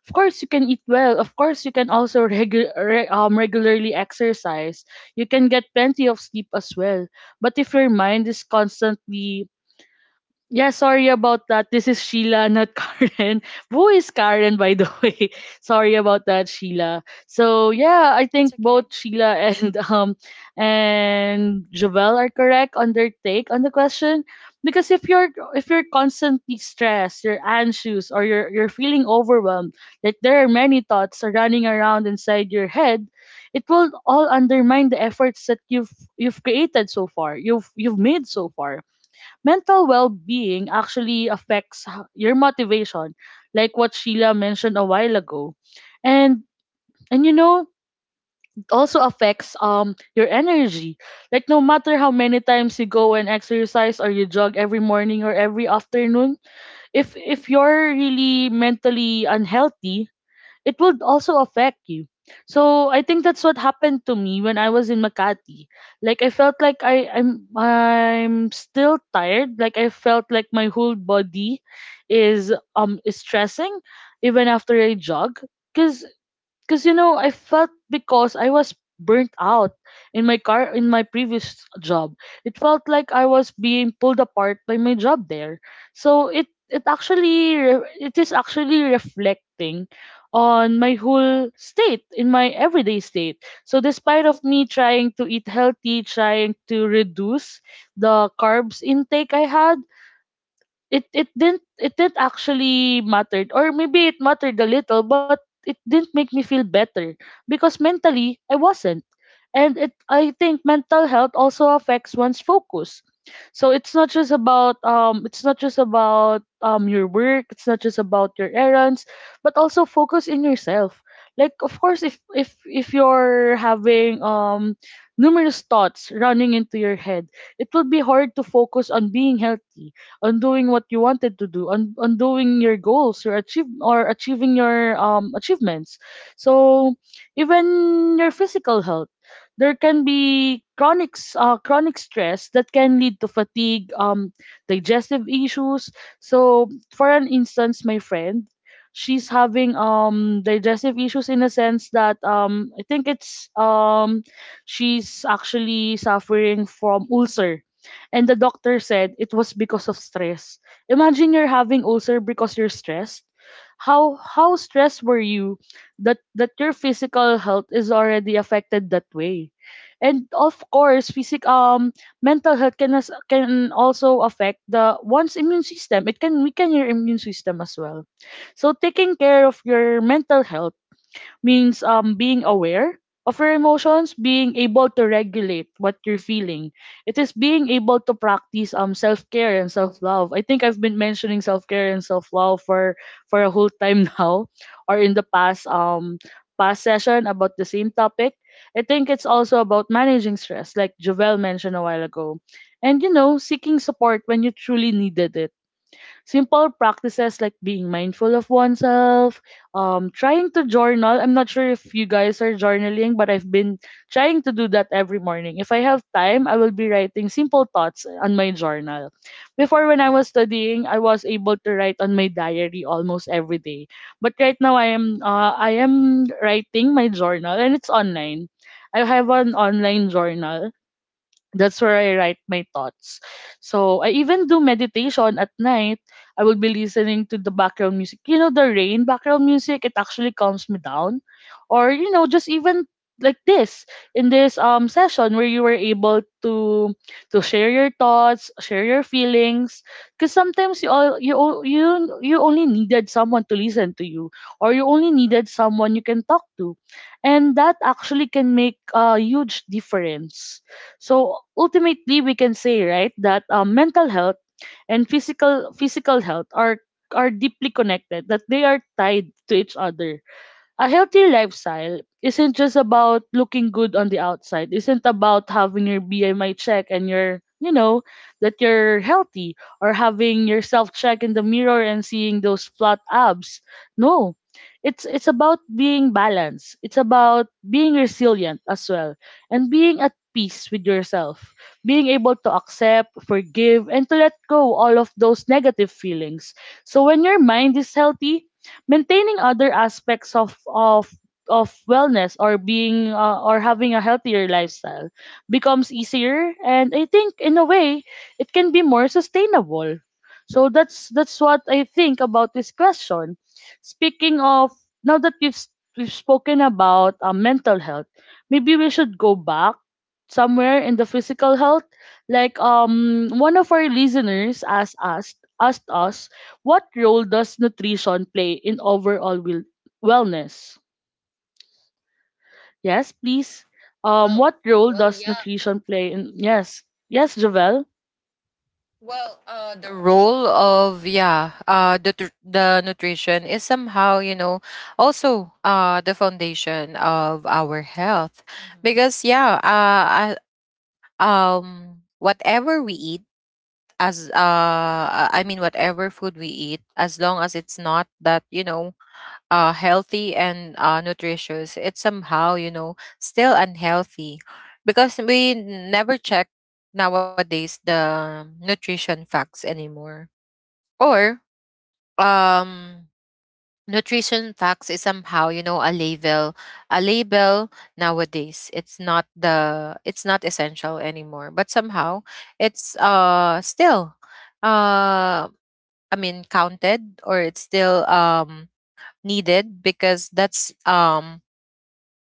Speaker 1: Of course, you can eat well. Of course, you can also (laughs) regu- re- um, regularly exercise. You can get plenty of sleep as well. But if your mind is constantly, yeah, sorry about that. This is Sheila, not (laughs) Karen. Who is Karen, by the way? (laughs) Sorry about that, Sheila. So yeah, I
Speaker 3: It's
Speaker 1: think
Speaker 3: okay.
Speaker 1: both Sheila and (laughs) um and Jovel are correct on their take on the question. Because if you're, if you're constantly stressed, you're anxious, or you're you're feeling overwhelmed, like there are many thoughts are running around inside your head, it will all undermine the efforts that you've you've created so far, you've you've made so far. Mental well-being actually affects h- your motivation, like what Sheila mentioned a while ago. and and you know, it also affects um your energy. Like no matter how many times you go and exercise or you jog every morning or every afternoon, if if you're really mentally unhealthy, it will also affect you. So I think that's what happened to me when I was in Makati. Like I felt like I I'm I'm still tired. Like I felt like my whole body is um is stressing even after I jog. Cause because you know, I felt, because I was burnt out in my car in my previous job, it felt like I was being pulled apart by my job there. So it, it actually re- it is actually reflecting on my whole state, in my everyday state. So despite of me trying to eat healthy, trying to reduce the carbs intake I had, it it didn't it didn't actually matter, or maybe it mattered a little, but it didn't make me feel better because mentally I wasn't. And it I think mental health also affects one's focus. So it's not just about um it's not just about um your work, it's not just about your errands, but also focus in yourself. Like of course, if if if you're having um numerous thoughts running into your head, it will be hard to focus on being healthy, on doing what you wanted to do, on on doing your goals, or achieve or achieving your um achievements. So even your physical health, there can be chronic s- uh, chronic stress that can lead to fatigue, um, digestive issues. So, for an instance, my friend, she's having um digestive issues in a sense that um I think it's um she's actually suffering from ulcer. And the doctor said it was because of stress. Imagine you're having ulcer because you're stressed. How how stressed were you that that your physical health is already affected that way. And of course physic um mental health can as, can also affect the one's immune system, it can weaken your immune system as well. So taking care of your mental health means um being aware of your emotions, being able to regulate what you're feeling. It is being able to practice um self-care and self-love. I think I've been mentioning self-care and self-love for for a whole time (laughs) now, or in the past um past session about the same topic. I think it's also about managing stress like Jovel mentioned a while ago. And you know, seeking support when you truly needed it. Simple practices like being mindful of oneself, um, trying to journal. I'm not sure if you guys are journaling, but I've been trying to do that every morning. If I have time, I will be writing simple thoughts on my journal. Before, when I was studying, I was able to write on my diary almost every day. But right now, I am uh, I am writing my journal, and it's online. I have an online journal, that's where I write my thoughts. So I even do meditation at night. I will be listening to the background music. You know, the rain background music, it actually calms me down. Or, you know, just even like this, in this um session where you were able to to share your thoughts, share your feelings, because sometimes you all you o- you you only needed someone to listen to you, or you only needed someone you can talk to, and that actually can make a huge difference. So ultimately, we can say, right, that um, mental health and physical physical health are are deeply connected. That they are tied to each other. A healthy lifestyle isn't just about looking good on the outside, isn't about having your BMI check and your you know that you're healthy, or having yourself check in the mirror and seeing those flat abs. No, it's it's about being balanced, it's about being resilient as well, and being at peace with yourself, being able to accept, forgive, and to let go all of those negative feelings. So when your mind is healthy, maintaining other aspects of of of wellness, or being uh, or having a healthier lifestyle, becomes easier, and I think in a way it can be more sustainable. So that's that's what I think about this question. Speaking of, now that we've s- we've spoken about uh, mental health, maybe we should go back somewhere in the physical health. Like um one of our listeners asked us asked us what role does nutrition play in overall wel- wellness? Yes, please. Um,
Speaker 2: Well,
Speaker 1: what role
Speaker 2: well,
Speaker 1: does
Speaker 2: yeah.
Speaker 1: nutrition play in? Yes, yes, Javel.
Speaker 2: Well, uh, the role of yeah, uh, the tr- the nutrition is somehow, you know, also uh the foundation of our health.
Speaker 3: Mm-hmm.
Speaker 2: Because yeah, uh, I, um, whatever we eat, as uh, I mean, whatever food we eat, as long as it's not that, you know, uh, healthy and uh, nutritious, it's somehow, you know, still unhealthy, because we never check nowadays the nutrition facts anymore. Or, um, nutrition facts is somehow, you know, a label, a label nowadays. It's not the, it's not essential anymore. But somehow, it's uh still, uh, I mean, counted, or it's still um needed, because that's um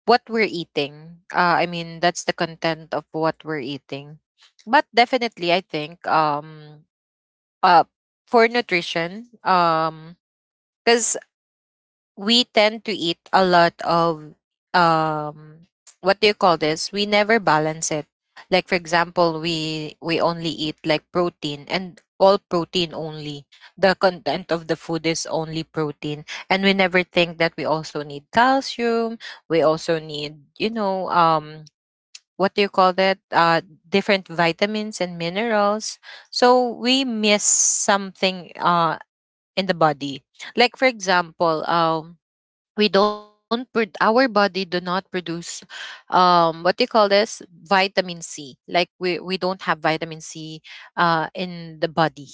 Speaker 2: what we're eating. Uh, I mean, that's the content of what we're eating. But definitely, I think, um, uh, for nutrition, because we tend to eat a lot of, um what do you call this, we never balance it. Like, for example, we we only eat like protein, and all protein only, the content of the food is only protein. And we never think that we also need calcium, we also need, you know, um what do you call that, uh different vitamins and minerals. So we miss something uh in the body. Like, for example, um we don't pro- our body do not produce,
Speaker 1: Yes, we
Speaker 2: um what do you
Speaker 1: sometimes
Speaker 2: call
Speaker 1: um
Speaker 2: this,
Speaker 1: miss things,
Speaker 2: vitamin C. Like, we we don't have vitamin C
Speaker 1: right?
Speaker 2: uh in the body.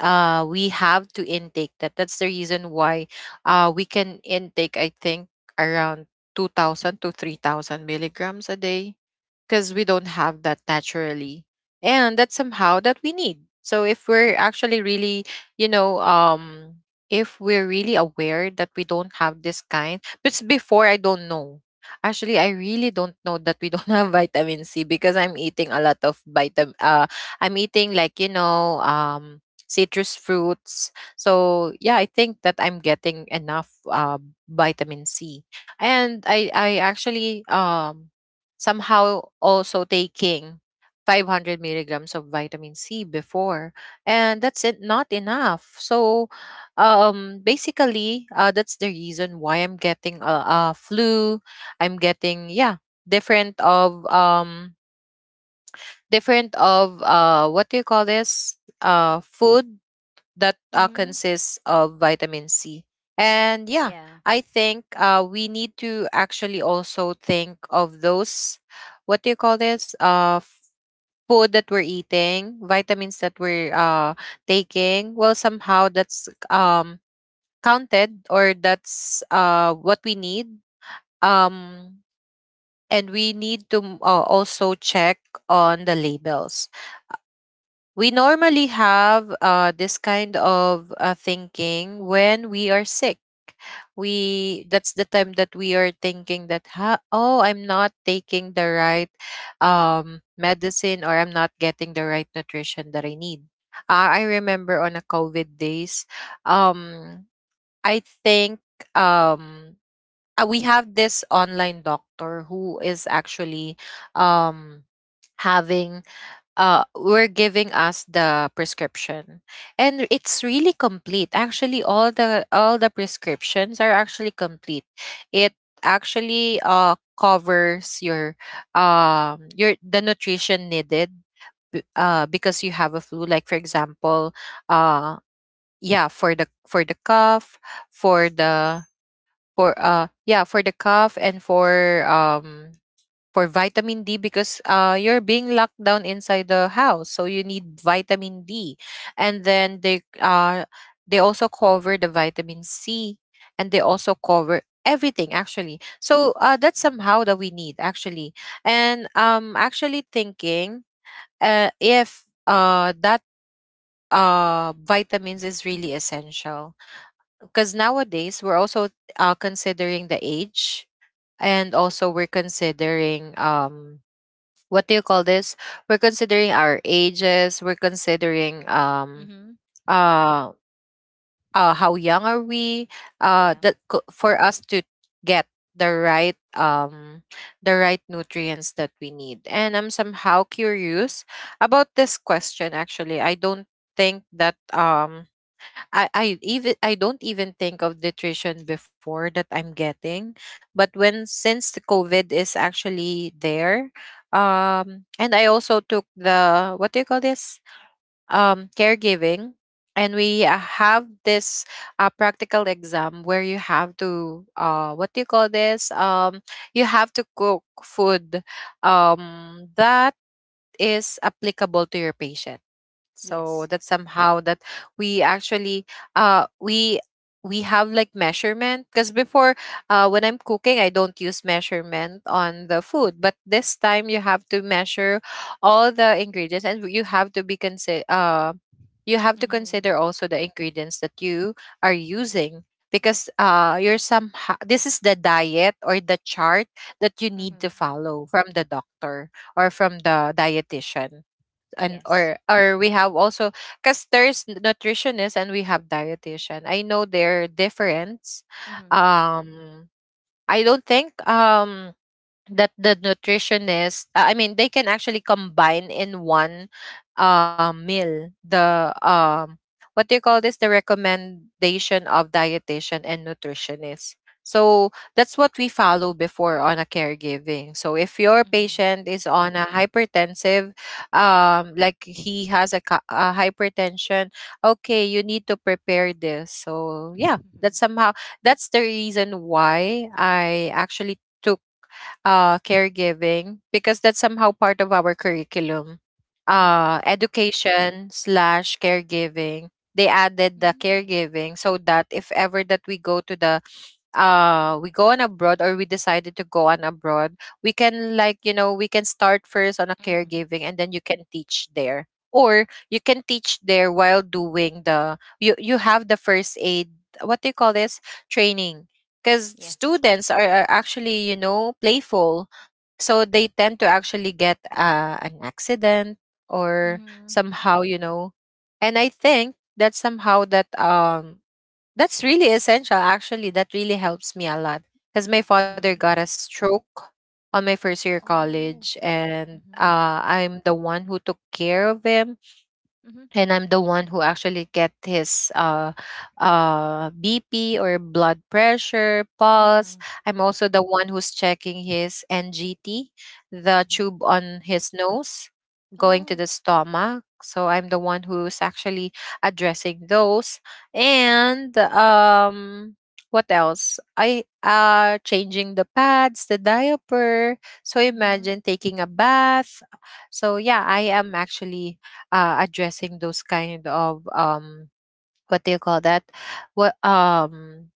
Speaker 2: uh We have to intake that. That's the reason why, uh we can intake, I think, around two thousand to three thousand milligrams a day, because we don't have that naturally. And that's somehow that we need. So if we're actually really, you know, um if we're really aware that we don't have this kind. But s- before, I don't know, actually, I really don't know that we don't (laughs) have vitamin C, because I'm eating a lot of vitamin uh I'm eating like, you know, um citrus fruits. So yeah, I think that I'm getting enough uh vitamin C. And i i actually, um somehow also taking five hundred milligrams of vitamin C before, and that's it, not enough. So, um, basically, uh, that's the reason why I'm getting a, a flu. I'm getting, yeah, different of, um, different of, uh, what do you call this? Uh, food that, uh,
Speaker 3: Mm-hmm.
Speaker 2: consists of vitamin C. And yeah,
Speaker 3: Yeah.
Speaker 2: I think, uh, we need to actually also think of those, what do you call this? Uh, food that we're eating, vitamins that we're, uh, taking. Well, somehow that's, um, counted, or that's uh, what we need. Um, and we need to, uh, also check on the labels. We normally have, uh, this kind of, uh, thinking when we are sick. We That's the time that we are thinking that, ha, oh, I'm not taking the right, um, medicine, or I'm not getting the right nutrition that I need. Uh, I remember on a COVID days, um, I think, um, uh, we have this online doctor who is actually, um, having uh, were giving us the prescription. And it's really complete actually. All the, all the prescriptions are actually complete. It actually, uh, covers your, um your the nutrition needed, b- uh, because you have a flu. Like, for example, uh yeah for the for the cough, for the, for uh yeah for the cough, and for, um for vitamin D. Because uh, you're being locked down inside the house, so you need vitamin D. And then they, uh, they also cover the vitamin C, and they also cover everything actually. So uh, that's somehow that we need actually. And um, actually thinking, uh, if uh, that uh vitamins is really essential. Because nowadays we're also, uh, considering the age, and also we're considering, um what do you call this? We're considering our ages. We're considering, um
Speaker 3: Mm-hmm.
Speaker 2: uh, uh how young are we? Uh,
Speaker 3: Yeah.
Speaker 2: that co- for us to get the right um the right nutrients that we need. And I'm somehow curious about this question. Actually, I don't think that um I, I even I don't even think of nutrition before that I'm getting. But when since the COVID is actually there, um, and I also took the what do you call this? Um, caregiving, and we uh, have this uh, practical exam where you have to uh, what do you call this? Um, you have to cook food, um, that is applicable to your patient, so
Speaker 3: Yes.
Speaker 2: that somehow that we actually uh we we have like measurement. Because before, uh when I'm cooking I don't use measurement on the food, but this time you have to measure all the ingredients and you have to be consider uh you have to
Speaker 3: Mm-hmm.
Speaker 2: consider also the ingredients that you are using, because uh you're somehow, this is the diet or the chart that you
Speaker 3: Mm-hmm.
Speaker 2: need to
Speaker 3: Mm-hmm.
Speaker 2: follow from the doctor or from the dietitian. and
Speaker 3: Yes.
Speaker 2: or or we have also, because there's nutritionist and we have dietitian, I know they're different.
Speaker 3: Mm-hmm.
Speaker 2: Um i don't think um that the nutritionist, uh, I mean, they can actually combine in one uh, meal the um what do you call this, the recommendation of dietitian and nutritionist. So that's what we follow before on a caregiving. So if your
Speaker 3: Mm-hmm.
Speaker 2: patient is on a hypertensive, um like he has a, ca- a hypertension, okay, you need to prepare this. So yeah, that's
Speaker 3: (laughs)
Speaker 2: somehow that's the reason why I actually took uh, caregiving, because that's somehow part of our curriculum.
Speaker 3: Mm-hmm.
Speaker 2: Uh, education slash caregiving. They added the
Speaker 3: Mm-hmm.
Speaker 2: caregiving so that if ever that we go to the uh we go on abroad, or we decided to go on abroad, we can, like, you know, we can start first on a
Speaker 3: Mm-hmm.
Speaker 2: caregiving, and then you can teach there, or you can teach there while doing the you you have the first aid, what do you call this, training. Because
Speaker 3: Yes.
Speaker 2: students are, are actually, you know, playful, so they tend to actually get uh, an accident or
Speaker 3: Mm-hmm.
Speaker 2: somehow, you know. And I think that somehow that um that's really essential. Actually, that really helps me a lot because my
Speaker 3: Mm-hmm.
Speaker 2: father
Speaker 3: Mm-hmm.
Speaker 2: got a stroke on my first year
Speaker 3: Oh.
Speaker 2: college, and
Speaker 3: Mm-hmm.
Speaker 2: uh, I'm the one who took care of him,
Speaker 3: Mm-hmm.
Speaker 2: and I'm the one who actually get his uh, uh, B P or blood pressure,
Speaker 3: Mm-hmm.
Speaker 2: pulse. I'm also the one who's checking his N G T, the
Speaker 3: Mm-hmm.
Speaker 2: tube on his nose going to
Speaker 3: Oh.
Speaker 2: the stomach. So I'm the one who's actually addressing those. And um, what else? I uh changing the pads, the diaper. So
Speaker 3: Mm-hmm.
Speaker 2: imagine taking a bath. So yeah, I am actually uh, addressing those kind of um what do you call that, what um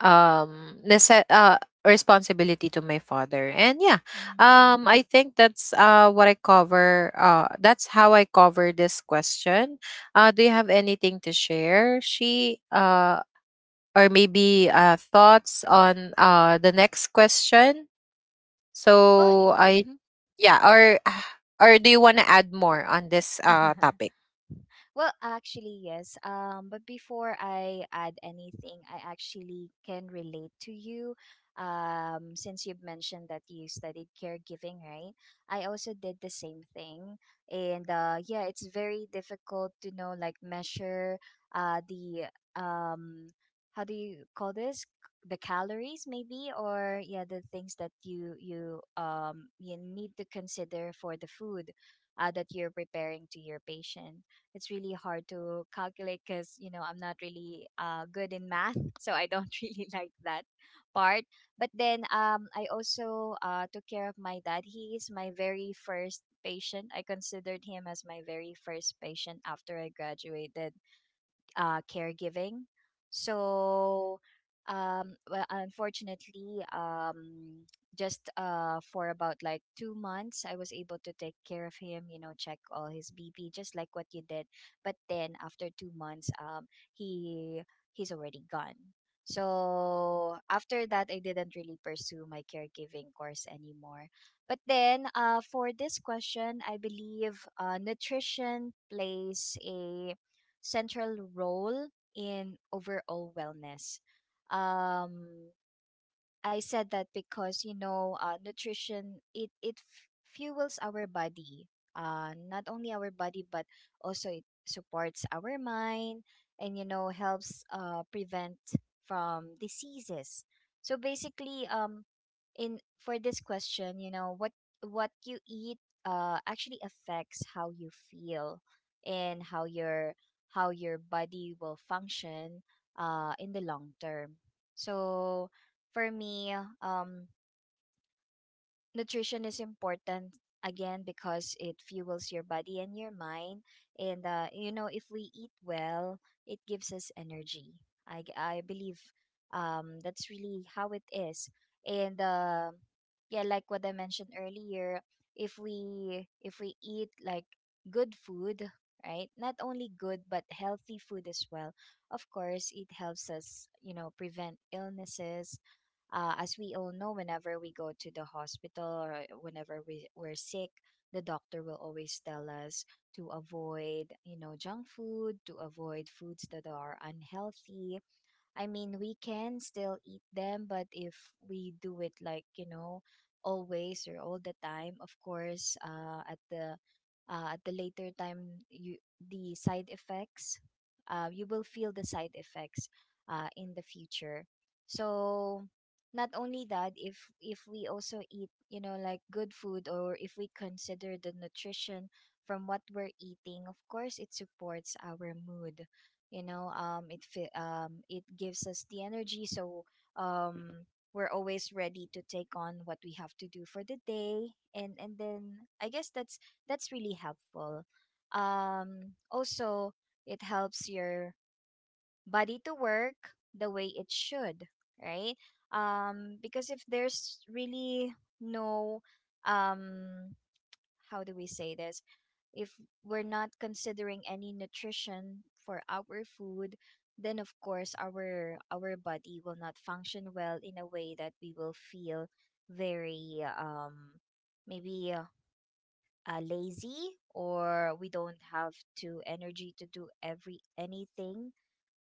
Speaker 2: um nece- uh responsibility to my father. And yeah,
Speaker 3: Mm-hmm.
Speaker 2: um I think that's uh what I cover, uh that's how I cover this question. Uh do you have anything to share, she uh or maybe uh thoughts on uh the next question?
Speaker 3: Well.
Speaker 2: So I Yeah, or (sighs) or do you want to add more on this uh
Speaker 3: Mm-hmm. (laughs)
Speaker 2: topic?
Speaker 3: Well, actually, yes. Um, but before I add anything, I actually can relate to you. Um, since you've mentioned that you studied caregiving, right? I also did the same thing. And uh, yeah, it's very difficult to know, like, measure uh, the, um, how do you call this? The calories, maybe, or yeah, the things that you you um you need to consider for the food uh, that you're preparing to your patient. It's really hard to calculate because, you know, I'm not really uh, good in math (laughs) so I don't (laughs) really like that part. But then, um, I also uh, took care of my dad. He is my very first patient. I considered him as my very first patient after I graduated uh, caregiving. So, um, well, unfortunately, um, just uh, for about like two months, I was able to take care of him, you know, check all his B P, just like what you did. But then after two months, um, he he's already gone. So after that, I didn't really pursue my caregiving course anymore. But then, uh, for this question, I believe uh, nutrition plays a central role in overall wellness. Um, I said that because, you know, uh, nutrition it it f- fuels our body, uh, not only our body but also it supports our mind, and you know helps uh, prevent from diseases. So basically, um, in for this question, you know, what what you eat uh actually affects how you feel and how your how your body will function uh in the long term. So for me, um nutrition is important again because it fuels your body and your mind. And uh, you know, if we eat well, it gives us energy. i, g- I believe, um, that's really how it is. And uh, yeah, like what I mentioned earlier, if we if we eat like good food, right, not only good but healthy food as well, of course it helps us, you know, prevent illnesses. Uh, as we all know, whenever we go to the hospital, or whenever we, we're sick, the doctor will always tell us to avoid, you know, junk food, to avoid foods that are unhealthy. I mean, we can still eat them, but if we do it like, you know, always or all the time, of course, uh, at the uh, at the later time, you the side effects, uh, you will feel the side effects uh, in the future. So not only that, if if we also eat, you know, like good food, or if we consider the nutrition from what we're eating, of course, it supports our mood. You know, um it fi- um it gives us the energy, so um we're always ready to take on what we have to do for the day, and and then I guess that's that's really helpful. Um also, it helps your body to work the way it should, right? Um because if there's really no, um how do we say this, if we're not considering any nutrition for our food, then of course our our body will not function well, in a way that we will feel very, um maybe uh, uh, lazy, or we don't have to energy to do every anything.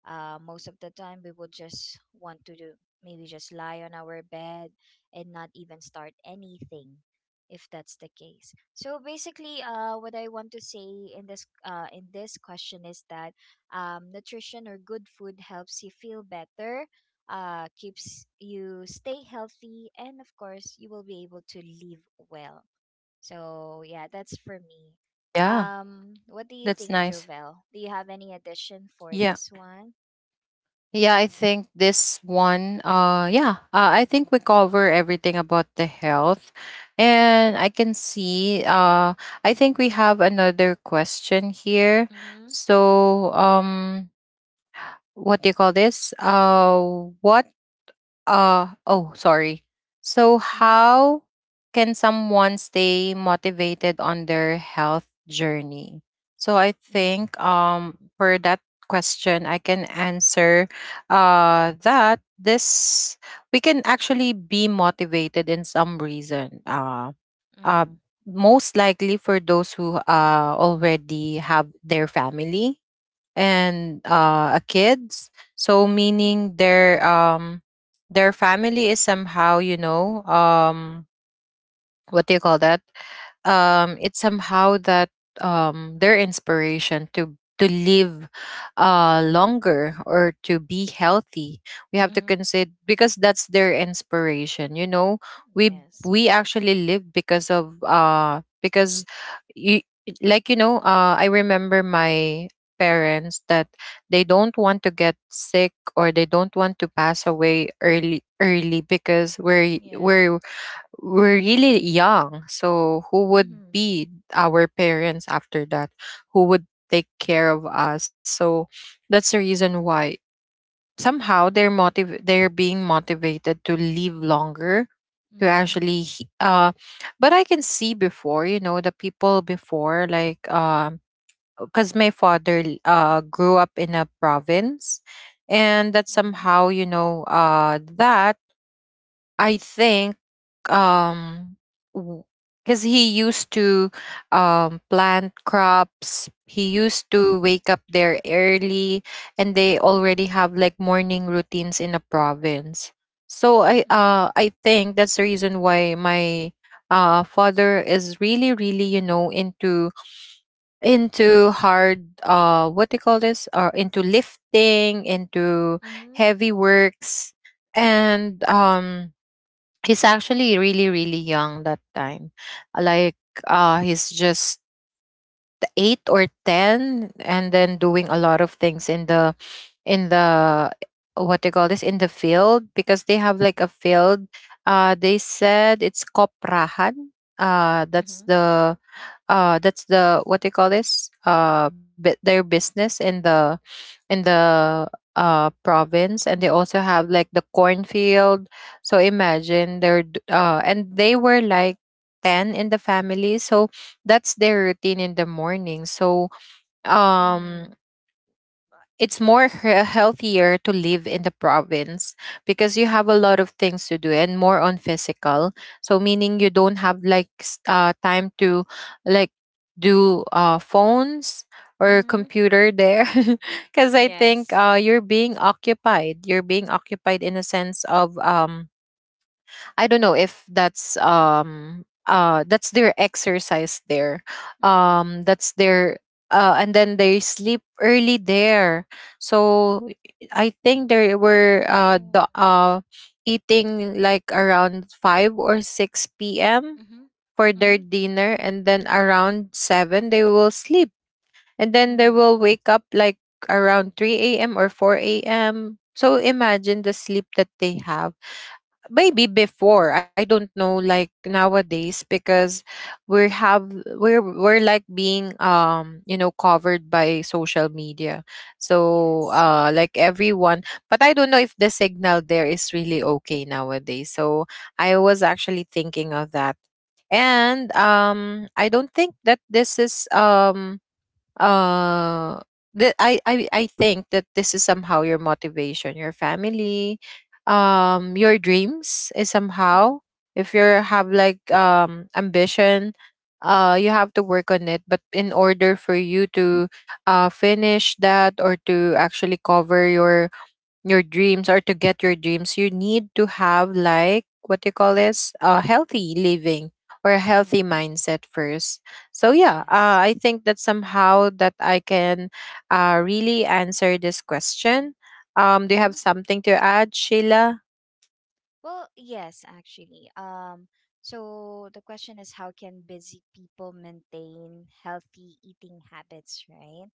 Speaker 3: uh, Most of the time we would just want to do, maybe just lie on our bed, and not even start anything if that's the case. So basically, uh, what I want to say in this, uh, in this question is that, um, nutrition or good food helps you feel better, uh, keeps you stay healthy, and of course you will be able to live well. So yeah, that's for me.
Speaker 2: Yeah.
Speaker 3: Um, what
Speaker 2: That's
Speaker 3: do you
Speaker 2: nice.
Speaker 3: think, Jovel? Do you have any addition
Speaker 2: Yeah.
Speaker 3: for this one?
Speaker 2: Yeah, I think this one, uh, yeah, uh, I think we cover everything about the health. And I can see, uh, I think we have another question here.
Speaker 3: Mm-hmm.
Speaker 2: So, um, what do you call this? Uh, what Uh, oh, sorry. So,
Speaker 3: Mm-hmm.
Speaker 2: how can someone stay motivated on their health journey? So, I
Speaker 3: Mm-hmm.
Speaker 2: think, um, for that question, I can answer uh, that this, we can actually be motivated in some reason. Uh, uh,
Speaker 3: Mm-hmm.
Speaker 2: Most likely for those who uh, already have their family and uh, a kids, so
Speaker 3: Mm-hmm.
Speaker 2: meaning their um their family is somehow, you know, um what do you call that? Um, it's somehow that um, their inspiration to to live uh, longer or to be healthy. We have to
Speaker 3: Mm-hmm.
Speaker 2: consider because that's their inspiration. You know, we
Speaker 3: Yes.
Speaker 2: we actually live because of uh, because you like you know, uh, I remember my parents that they don't want to get sick or they don't want to pass away early early because we're
Speaker 3: Yeah.
Speaker 2: we're we're really young. So who would
Speaker 3: Mm-hmm.
Speaker 2: be our parents after that? Who would take care of us? So that's the reason why somehow they're motiv- they're being motivated to live longer, to
Speaker 3: Mm-hmm.
Speaker 2: actually he- uh but I can see before, you know, the people before, like, um cuz my father l- uh grew up in a province. And that
Speaker 3: Mm-hmm.
Speaker 2: somehow, you know, uh that I think, um because he used to um plant crops, he used to wake up there early, and they already have like morning routines in the province. So i uh i think that's the reason why my uh father is really really, you know, into into hard, uh what do you call this, uh into lifting, into
Speaker 3: Mm-hmm.
Speaker 2: heavy works. And um he's actually really really young that time, like, uh he's just eight or ten, and then doing a lot of things in the in the what they call this, in the field, because they have like a field. Uh they said it's koprahan. Uh
Speaker 3: Mm-hmm.
Speaker 2: that's
Speaker 3: Mm-hmm.
Speaker 2: the uh that's the what they call this, uh bu- their business in the in the uh province. And they also have like the cornfield. So imagine they're d- uh and they were like ten in the family. So that's their routine in the morning. So
Speaker 3: Mm-hmm.
Speaker 2: um it's more he- healthier to live in the province because you have a lot of things to do and more on physical, so meaning you don't have like s- uh time to, like, do uh phones or
Speaker 3: Mm-hmm.
Speaker 2: computer there (laughs) because I think
Speaker 3: Yes.
Speaker 2: uh you're being occupied, you're being occupied in a sense of um I don't know if that's um uh that's their exercise there.
Speaker 3: Mm-hmm.
Speaker 2: Um that's their uh and then they sleep early there. So I think they were uh
Speaker 3: Oh.
Speaker 2: the uh eating like around five or six p m
Speaker 3: Mm-hmm.
Speaker 2: for their
Speaker 3: Mm-hmm.
Speaker 2: dinner, and then around seven they will sleep, and then they
Speaker 3: Mm-hmm.
Speaker 2: will wake up like around three a m or four a m. So imagine the sleep that they have. Maybe before, I don't know, like nowadays because we have, we're we're like being, um you know, covered by social media. So
Speaker 3: Yes.
Speaker 2: uh like everyone, but I don't know if the signal there is really okay nowadays. So I was actually thinking of that. And um I don't think that this is um uh that I, I i think that this is somehow your motivation, your family, um your dreams is
Speaker 3: Mm-hmm.
Speaker 2: somehow, if you have like um ambition, uh you have to work on it. But in order for you to uh finish that or to actually cover your your dreams or to get your dreams, you need to have like what you call this, a healthy living or a healthy
Speaker 3: Mm-hmm.
Speaker 2: mindset first. So yeah, uh,
Speaker 3: Yes.
Speaker 2: I think that somehow that I can uh, really answer this question. Um, do you have something to add, Sheila?
Speaker 3: Well, yes, actually. Um, so the question is, how can busy people maintain healthy eating habits, right?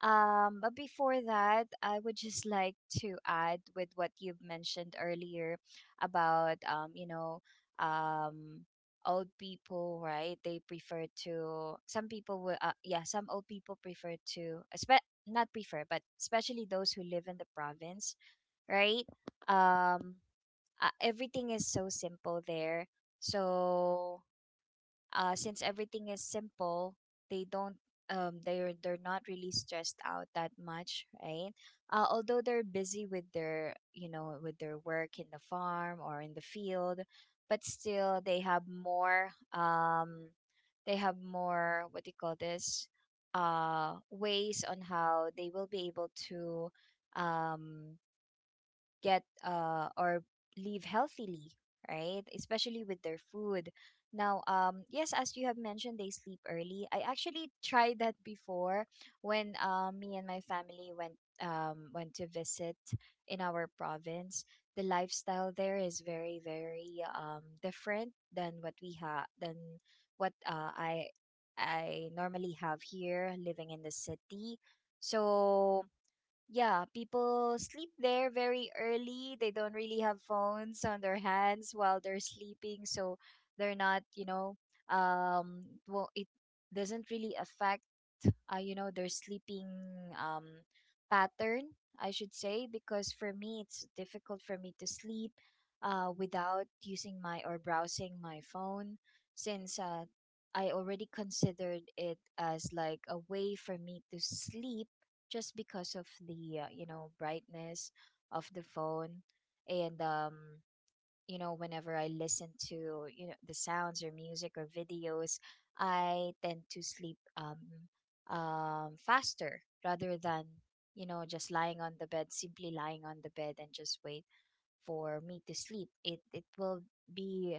Speaker 3: Um, but before that, I would just like to add with what you've mentioned earlier about, um, you know, um old people, right, they prefer to... some people will, uh, yeah, some old people prefer to espe- not prefer but especially those who live in the province, right? um uh, Everything is so simple there. So uh, since everything is simple, they don't, um they're they're not really stressed out that much, right? Uh, although they're busy with their, you know, with their work in the farm or in the field, but still they have more, um they have more, what do you call this, uh ways on how they will be able to um get, uh, or live healthily, right? Especially with their food. Now, um, yes, as you have mentioned, they sleep early. I actually tried that before, when uh, me and my family went um, went to visit in our province. The lifestyle there is very, very, um, different than what we have, than what uh, I I normally have here living in the city. So yeah, people sleep there very early. They don't really have phones on their hands while they're sleeping, so they're not, you know, um, well, it doesn't really affect, uh, you know, their sleeping um pattern, I should say, because for me, it's difficult for me to sleep uh without using my, or browsing my phone, since uh I already considered it as like a way for me to sleep, just because of the, uh, you know, brightness of the phone. And um you know, whenever I listen to, you know, the sounds or music or videos, I tend to sleep um um faster, rather than, you know, just lying on the bed, simply lying on the bed, and just wait for me to sleep. It it will be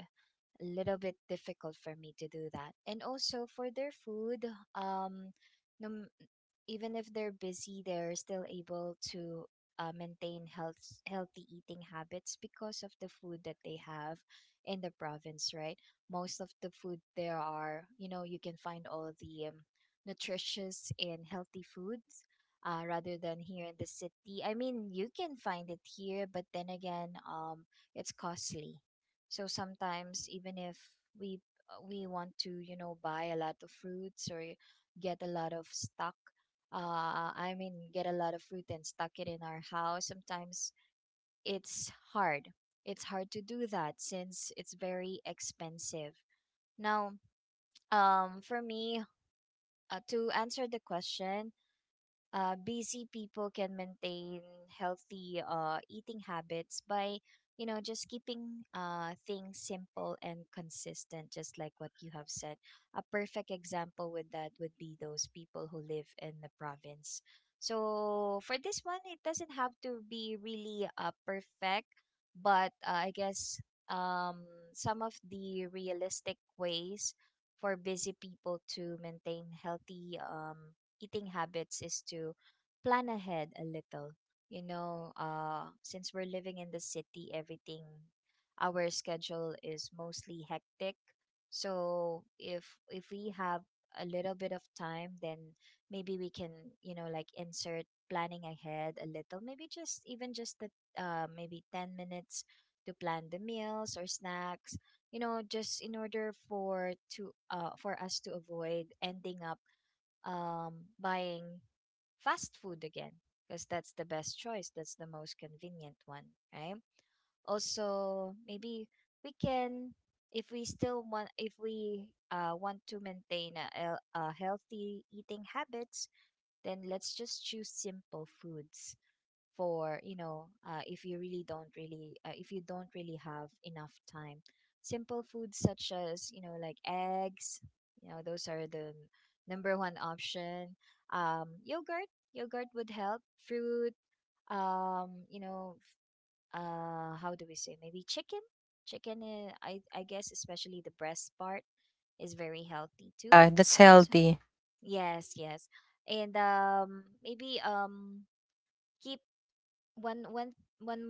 Speaker 3: a little bit difficult for me to do that. And also, for their food, um no, even if they're busy, they're still able to uh, maintain health healthy eating habits because of the food that they have in the province, right? Most of the food there are, you know, you can find all the, um, nutritious and healthy foods. Uh, rather than here in the city, I mean, you can find it here, but then again, um, it's costly. So sometimes, even if we uh, we want to, you know, buy a lot of fruits or get a lot of stock, uh, I mean, get a lot of fruit and stuck it in our house. Sometimes it's hard. It's hard to do that since it's very expensive. Now, um, for me, uh, to answer the question, uh, busy people can maintain healthy uh, eating habits by you know just keeping uh, things simple and consistent, just like what you have said. A perfect example with that would be those people who live in the province. So for this one, it doesn't have to be really uh, perfect, but uh, I guess um, some of the realistic ways for busy people to maintain healthy um, eating habits is to plan ahead a little. You know, uh, since we're living in the city, everything, our schedule is mostly hectic. So if if we have a little bit of time, then maybe we can, you know, like, insert planning ahead a little. Maybe just even just the uh, maybe ten minutes to plan the meals or snacks, you know, just in order for to uh for us to avoid ending up um, buying fast food again because that's the best choice. That's the most convenient one, right? Also, maybe we can, if we still want, if we uh, want to maintain a, a healthy eating habits, then let's just choose simple foods for, you know uh, if you really don't really uh, if you don't really have enough time. Simple foods such as, you know, like eggs. You know, those are the number one option. um yogurt, yogurt would help. Fruit. um you know uh how do we say? Maybe chicken. Chicken is, i i guess, especially the breast part, is very healthy
Speaker 2: Yeah,
Speaker 3: too.
Speaker 2: that's
Speaker 3: So
Speaker 2: healthy.
Speaker 3: yes, yes. And um maybe, um keep one one one,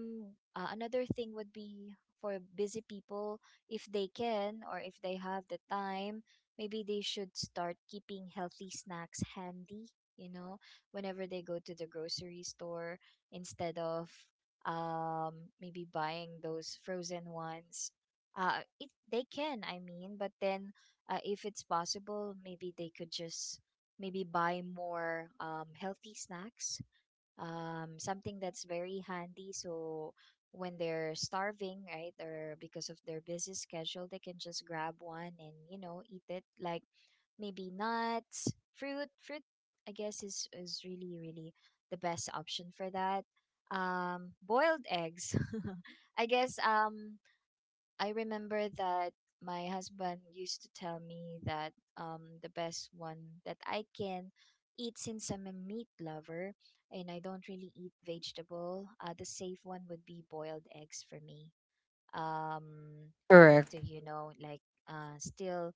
Speaker 3: uh, another thing would be, for busy people, if they can, or if they have the time, maybe they should start keeping healthy snacks handy. You know, whenever they go to the grocery store, instead of, um maybe, buying those frozen ones, uh it, they can, I mean, but then uh, if it's possible, maybe they could just maybe buy more um healthy snacks, um, something that's very handy. So when they're starving, right, or because of their busy schedule, they can just grab one and, you know, eat it. Like maybe nuts, fruit. Fruit, I guess, is, is really, really the best option for that. Um, boiled eggs. (laughs) I guess, um, I remember that my husband used to tell me that, um, the best one that I can eat, since I'm a meat lover and I don't really eat vegetable, uh, the safe one would be boiled eggs for me. Um, for
Speaker 2: Correct.
Speaker 3: me to, you know, like, uh, still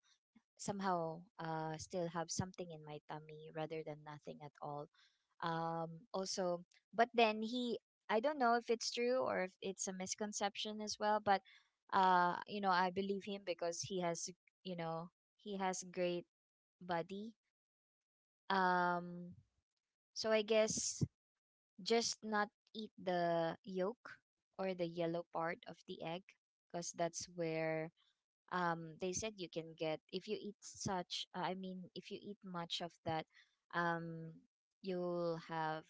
Speaker 3: somehow uh, still have something in my tummy rather than nothing at all. Um, also, but then he, I don't know if it's true or if it's a misconception as well, but uh, you know, I believe him because he has, you know, he has great body. Um, so I guess just not eat the yolk, or the yellow part of the egg, because that's where, um, they said, you can get, if you eat such uh, i mean if you eat much of that, um, you'll have,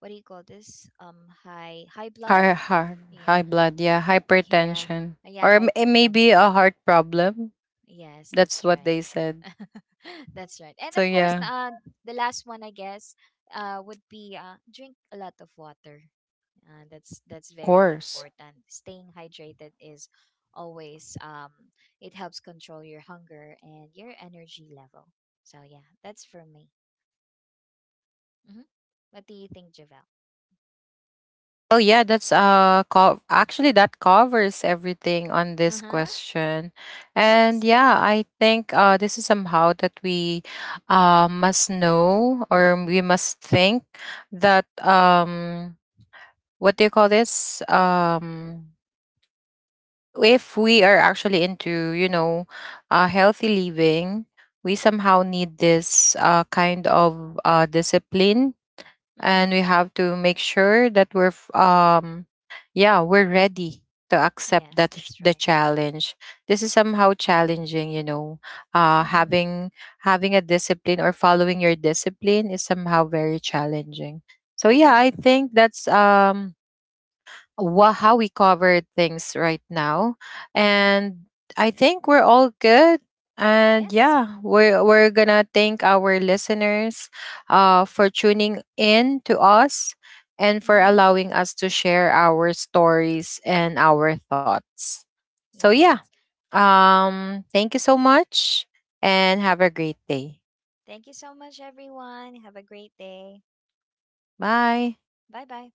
Speaker 3: what do you call this, um high high blood,
Speaker 2: High heart,
Speaker 3: yeah.
Speaker 2: high blood,
Speaker 3: Yeah.
Speaker 2: yeah,
Speaker 3: (laughs) Yeah.
Speaker 2: hypertension.
Speaker 3: Yeah,
Speaker 2: Or m- it may be
Speaker 3: hypertension.
Speaker 2: a heart problem.
Speaker 3: Yes,
Speaker 2: That's
Speaker 3: that's
Speaker 2: what they
Speaker 3: right.
Speaker 2: said.
Speaker 3: (laughs) That's right. And
Speaker 2: So
Speaker 3: of course,
Speaker 2: yeah,
Speaker 3: na- uh, the last one, I guess, uh would be uh drink a lot of water. Uh, that's that's
Speaker 2: of
Speaker 3: very
Speaker 2: course.
Speaker 3: important. Staying hydrated is always, um it helps control your hunger and your energy level. So yeah, that's for me. hmm What do you think, Javel?
Speaker 2: Oh yeah, that's uh co- actually that covers everything on this
Speaker 3: Uh-huh.
Speaker 2: question. And
Speaker 3: Yes.
Speaker 2: yeah, I think uh this is somehow that we uh must know or we must think that um what do you call this? Um if we are actually into, you know, uh healthy living, we somehow
Speaker 3: Mhm.
Speaker 2: need this uh kind of uh discipline, and
Speaker 3: Mhm.
Speaker 2: we have to make sure that we're f- um yeah, we're ready to accept
Speaker 3: Yes,
Speaker 2: that ch-
Speaker 3: that's
Speaker 2: the
Speaker 3: right.
Speaker 2: challenge. This is somehow challenging, you know, uh
Speaker 3: Mhm.
Speaker 2: having having a discipline or following your discipline is somehow very challenging. So yeah, I
Speaker 3: Mhm.
Speaker 2: think that's um wha- how we covered things right now.
Speaker 3: Mhm.
Speaker 2: And I think we're all good. And
Speaker 3: Yes.
Speaker 2: yeah, we're, we're going to thank our listeners uh, for tuning in to us and for
Speaker 3: Mhm.
Speaker 2: allowing us to share our stories and our thoughts. So yeah,
Speaker 3: Yes.
Speaker 2: um, thank you so much and have a great day.
Speaker 3: Thank you so much, everyone. Have a great day.
Speaker 2: Bye.
Speaker 3: Bye bye.